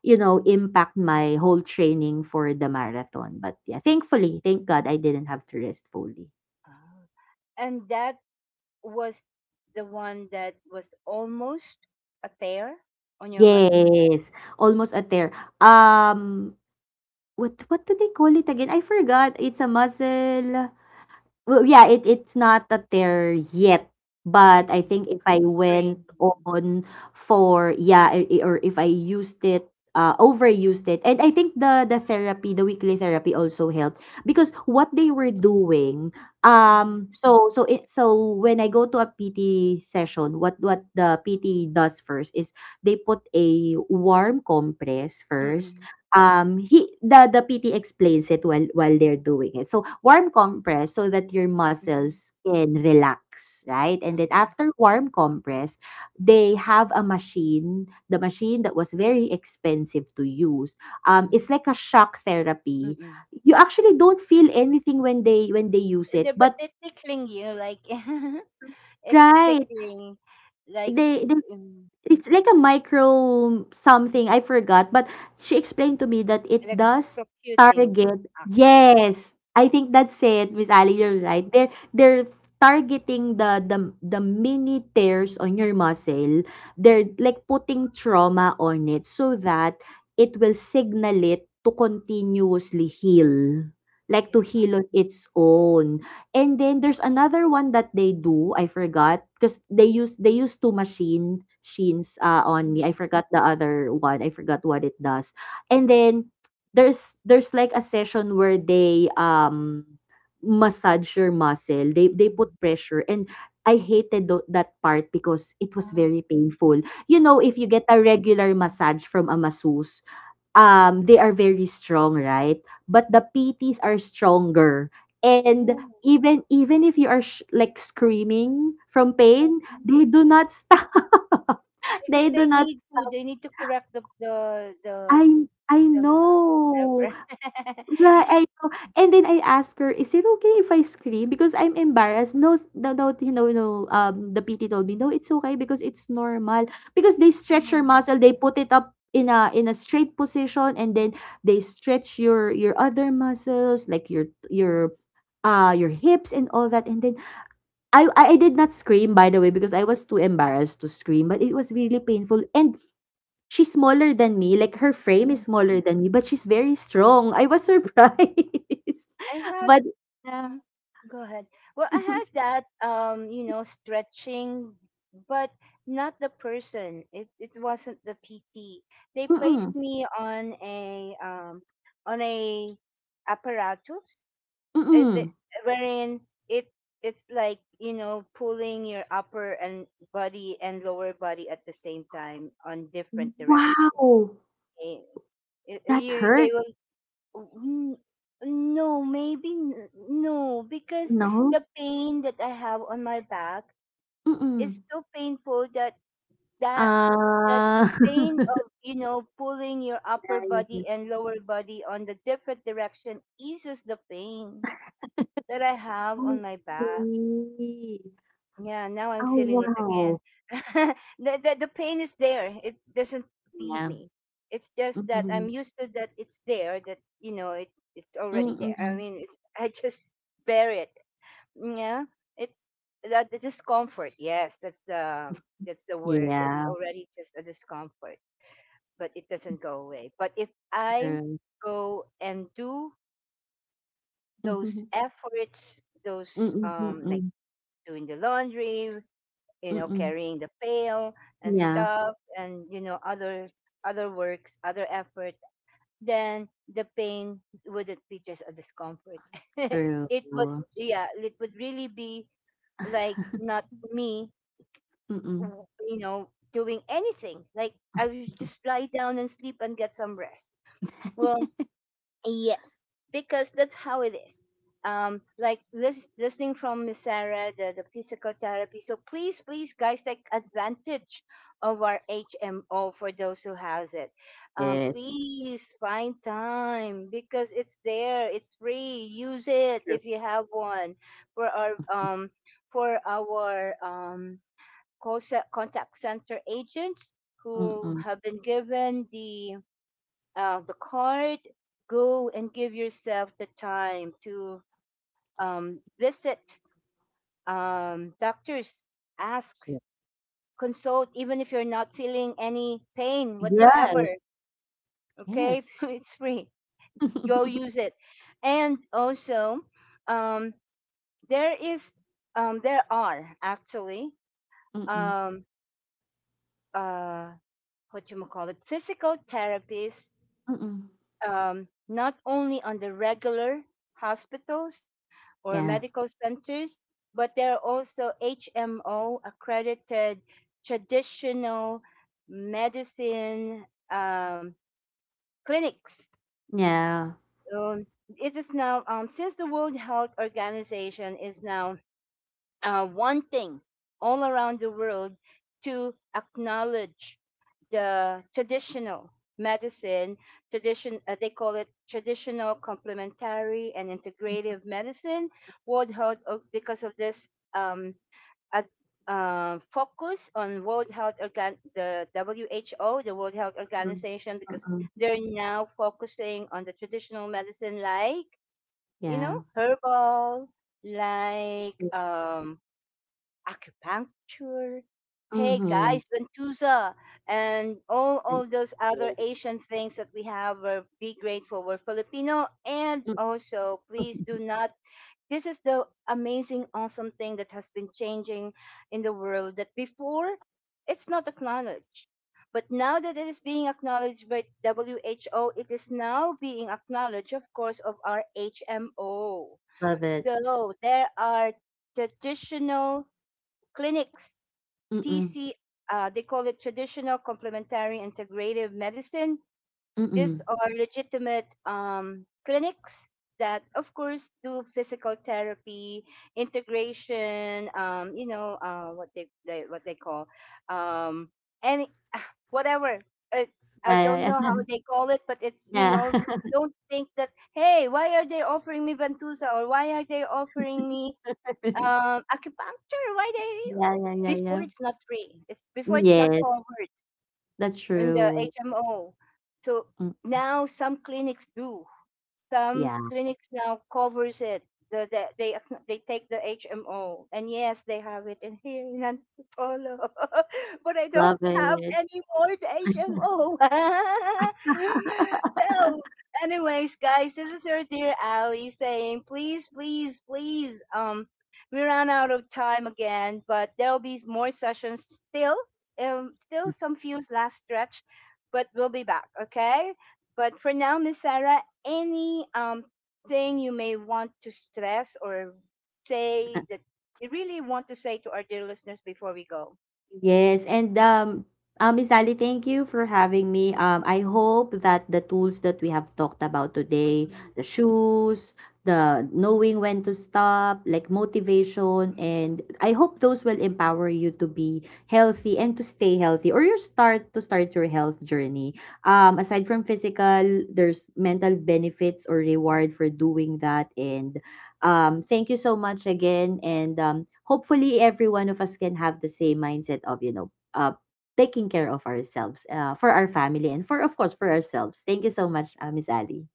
Speaker 2: you know, impact my whole training for the marathon. But yeah, thankfully, thank God I didn't have to rest fully.
Speaker 1: Ah, and that was the one that was almost a tear on your muscle?
Speaker 2: Yes. Almost a tear. Um, what do they call it again? I forgot. It's a muscle. Well, yeah, it it's not a there yet, but I
Speaker 1: Mm.
Speaker 2: think if I
Speaker 1: Three.
Speaker 2: went on for, yeah, or if I used it, overused it. And I think the therapy, the weekly therapy also helped, because what they were doing,
Speaker 1: Mm.
Speaker 2: so when I go to a PT session, what the PT does first is they put a warm compress first.
Speaker 1: Mm-mm.
Speaker 2: Um, he the PT explains it while they're doing it. So warm compress so that your
Speaker 1: Mm-hmm.
Speaker 2: muscles can relax, right? And then
Speaker 1: Um,
Speaker 2: after warm compress, they have a machine, the machine that was very expensive to use.
Speaker 1: mm,
Speaker 2: It's like a shock therapy.
Speaker 1: mm-mm.
Speaker 2: You actually don't feel anything when they use
Speaker 1: But
Speaker 2: it,
Speaker 1: but
Speaker 2: but
Speaker 1: they're tickling you, like <laughs> it's
Speaker 2: right,
Speaker 1: tickling, like
Speaker 2: they they.
Speaker 1: um,
Speaker 2: It's like a micro something, I forgot, but she explained to me that it does
Speaker 1: electrocuting us
Speaker 2: target,
Speaker 1: actually.
Speaker 2: yes, I think that's it, Miss Ali, you're
Speaker 1: Mm-mm.
Speaker 2: right. They're targeting the mini tears on your muscle. They're like putting trauma on it so that it will signal it to continuously heal, like to
Speaker 1: Yeah.
Speaker 2: heal on its own. And then there's another one that they do, I forgot, because they use two machine sheens, ah, on me. I
Speaker 1: Mm,
Speaker 2: forgot the other one, I forgot what it does. And
Speaker 1: mhm,
Speaker 2: then there's like a session where they, massage your muscle. They put
Speaker 1: mm.
Speaker 2: pressure and I hated tho that part because it was
Speaker 1: Ah.
Speaker 2: very painful. You know,
Speaker 1: Oh,
Speaker 2: if you get a regular massage from a masseuse, um, they are very strong, right? But the PTs are stronger. And
Speaker 1: oh,
Speaker 2: even if you are like screaming from
Speaker 1: oh,
Speaker 2: pain,
Speaker 1: oh.
Speaker 2: they do not stop. <laughs>
Speaker 1: Because
Speaker 2: They
Speaker 1: they
Speaker 2: do not.
Speaker 1: need to, they need to correct the
Speaker 2: I
Speaker 1: no,
Speaker 2: know.
Speaker 1: never. <laughs>
Speaker 2: Right, I know. And then I asked her, "Is it okay if I scream?" Because I'm embarrassed. No, no, no, you know, no. The PT told me, "No, it's okay because it's normal." Because they stretch your
Speaker 1: Um,
Speaker 2: muscle, they put it up in a straight position, and then they stretch your other muscles, like your your hips and all that. And then I did not scream, by the way, because I was too embarrassed to scream, but it was really painful. And she's smaller than me, like her frame is
Speaker 1: mm,
Speaker 2: smaller than me, but she's very strong. I was surprised.
Speaker 1: I
Speaker 2: <laughs>
Speaker 1: had,
Speaker 2: But yeah.
Speaker 1: mhm, go ahead. Well, I had
Speaker 2: <laughs>
Speaker 1: that, stretching, but not the person. It wasn't the PT. They
Speaker 2: Mm,
Speaker 1: placed me on a apparatus uh, the,
Speaker 2: mm.
Speaker 1: wherein it it's like pulling your upper and body and lower body at the same time on different directions
Speaker 2: Wow!
Speaker 1: eh,
Speaker 2: That
Speaker 1: you
Speaker 2: hurt,
Speaker 1: n- no maybe no because
Speaker 2: no?
Speaker 1: the pain that I have on my back
Speaker 2: Mm.
Speaker 1: is so painful that that the
Speaker 2: Ah.
Speaker 1: pain of
Speaker 2: <laughs>
Speaker 1: pulling your
Speaker 2: Yeah,
Speaker 1: upper
Speaker 2: yeah, yeah.
Speaker 1: body and lower body on the different direction eases the pain that I have
Speaker 2: I
Speaker 1: on my back.
Speaker 2: see.
Speaker 1: Yeah, now I'm
Speaker 2: Oh,
Speaker 1: feeling it
Speaker 2: wow.
Speaker 1: again. <laughs> The pain is there. It doesn't leave
Speaker 2: Yeah.
Speaker 1: me. It's just that I'm
Speaker 2: Mm,
Speaker 1: used to that it's there, that it's already there. I
Speaker 2: mm.
Speaker 1: mean, it's, <laughs> I just bear it. Yeah. It's that the discomfort. Yes, that's the word. It's
Speaker 2: Yeah,
Speaker 1: already just a discomfort, but it doesn't go away. But if I
Speaker 2: true.
Speaker 1: go and do those
Speaker 2: Mhm.
Speaker 1: efforts, those
Speaker 2: Mm, mm,
Speaker 1: like
Speaker 2: mm.
Speaker 1: doing the laundry,
Speaker 2: Mm.
Speaker 1: carrying the pail and
Speaker 2: Yeah,
Speaker 1: stuff and, other works, other effort, then the pain wouldn't be just a discomfort. <laughs> it would
Speaker 2: true.
Speaker 1: yeah, it would really be like
Speaker 2: <laughs>
Speaker 1: not me
Speaker 2: Mm.
Speaker 1: doing anything like I would just lie down and sleep and get some rest. Well, yes, because that's how it is. Like listening from Miss Sarah, the physical therapy. So please, please, guys, take advantage of our HMO for those who has it.
Speaker 2: Yes,
Speaker 1: Please find time because it's there. It's free. Use it
Speaker 2: true.
Speaker 1: if you have one for our for our um contact center agents who
Speaker 2: Mm-mm.
Speaker 1: have been given the card, go and give yourself the time to visit doctors, ask,
Speaker 2: Ye
Speaker 1: consult, even if you're not feeling any pain whatsoever.
Speaker 2: Yes,
Speaker 1: Okay,
Speaker 2: yes.
Speaker 1: <laughs> it's free. Go
Speaker 2: <laughs>
Speaker 1: use it. And also, um, there is, there are actually,
Speaker 2: Mm-mm,
Speaker 1: um, uh, what you call it, physical therapists,
Speaker 2: mm-mm.
Speaker 1: not only on the regular hospitals or
Speaker 2: Yeah,
Speaker 1: medical centers, but there are also HMO accredited traditional medicine um, clinics.
Speaker 2: yeah.
Speaker 1: Um, it is now, since the World Health Organization is now wanting all around the world to acknowledge the traditional medicine tradition they call it traditional complementary and integrative medicine because of this ad- focus on world health organ the WHO, the World Health
Speaker 2: Mm-mm,
Speaker 1: Organization, because
Speaker 2: mm-mm,
Speaker 1: they're now focusing on the traditional medicine like
Speaker 2: yeah.
Speaker 1: herbal like
Speaker 2: Mm,
Speaker 1: acupuncture. Hey
Speaker 2: mhm,
Speaker 1: guys, Ventusa, and all
Speaker 2: and
Speaker 1: of those other
Speaker 2: yes.
Speaker 1: Asian things that we have. Be grateful. We're Filipino, and
Speaker 2: Mm-mm.
Speaker 1: also please do
Speaker 2: <laughs>
Speaker 1: not. This is the amazing, awesome thing that has been changing in the world. That before, it's not acknowledged, but now that it is being acknowledged by WHO, it is now being acknowledged, of course, of our HMO.
Speaker 2: Love it.
Speaker 1: So there are traditional clinics,
Speaker 2: Mm-mm,
Speaker 1: TC, they call it traditional complementary integrative medicine. These
Speaker 2: mm-mm.
Speaker 1: are legitimate clinics that, of course, do physical therapy, integration. What they what they call um, any <sighs> whatever. Uh, I
Speaker 2: Yeah,
Speaker 1: don't know
Speaker 2: yeah,
Speaker 1: how
Speaker 2: yeah.
Speaker 1: they call it, but it's
Speaker 2: Yeah.
Speaker 1: don't think that hey, why are they offering me ventusa or why are they offering me
Speaker 2: <laughs>
Speaker 1: acupuncture, why
Speaker 2: Yeah, yeah, yeah,
Speaker 1: they
Speaker 2: yeah.
Speaker 1: before it's not free. It's before it's not
Speaker 2: Yes,
Speaker 1: covered
Speaker 2: that's
Speaker 1: in the
Speaker 2: true.
Speaker 1: HMO. So
Speaker 2: Mm,
Speaker 1: now some
Speaker 2: yeah,
Speaker 1: clinics now covers it. They <laughs> they take the HMO and yes, they have it in here in Antipolo, <laughs> but I don't
Speaker 2: love
Speaker 1: have
Speaker 2: it.
Speaker 1: any more the
Speaker 2: <laughs>
Speaker 1: HMO. <laughs> So, anyways, guys, this is your dear Ali saying, please, please, please. We ran out of time again, but there'll be more sessions still. Still some few last stretch, but we'll be back. Okay. But for now, Miss Sarah, any thing you may want to stress or say that you really want to say to our dear listeners before we go?
Speaker 2: Yes, and Miss Ali, thank you for having me. I hope that the tools that we have talked about today,
Speaker 1: Mm-mm. Mm.
Speaker 2: the shoes, the knowing when to stop, like motivation,
Speaker 1: mm
Speaker 2: and I hope those will empower you to be healthy and to stay healthy, or you start to start your health journey. Aside from physical, there's mental benefits or reward for doing that, and thank you so much again, and hopefully every one of us can have the same mindset of, you know, taking care of ourselves, for our family, and for of course for ourselves. Thank you so much, Miss Ali.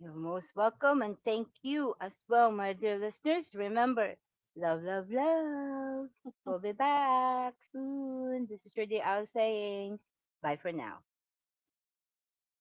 Speaker 1: you are most welcome and thank you as well, my dear listeners. Remember, love, love, love. We'll be back soon. This is your dear Al saying bye for now.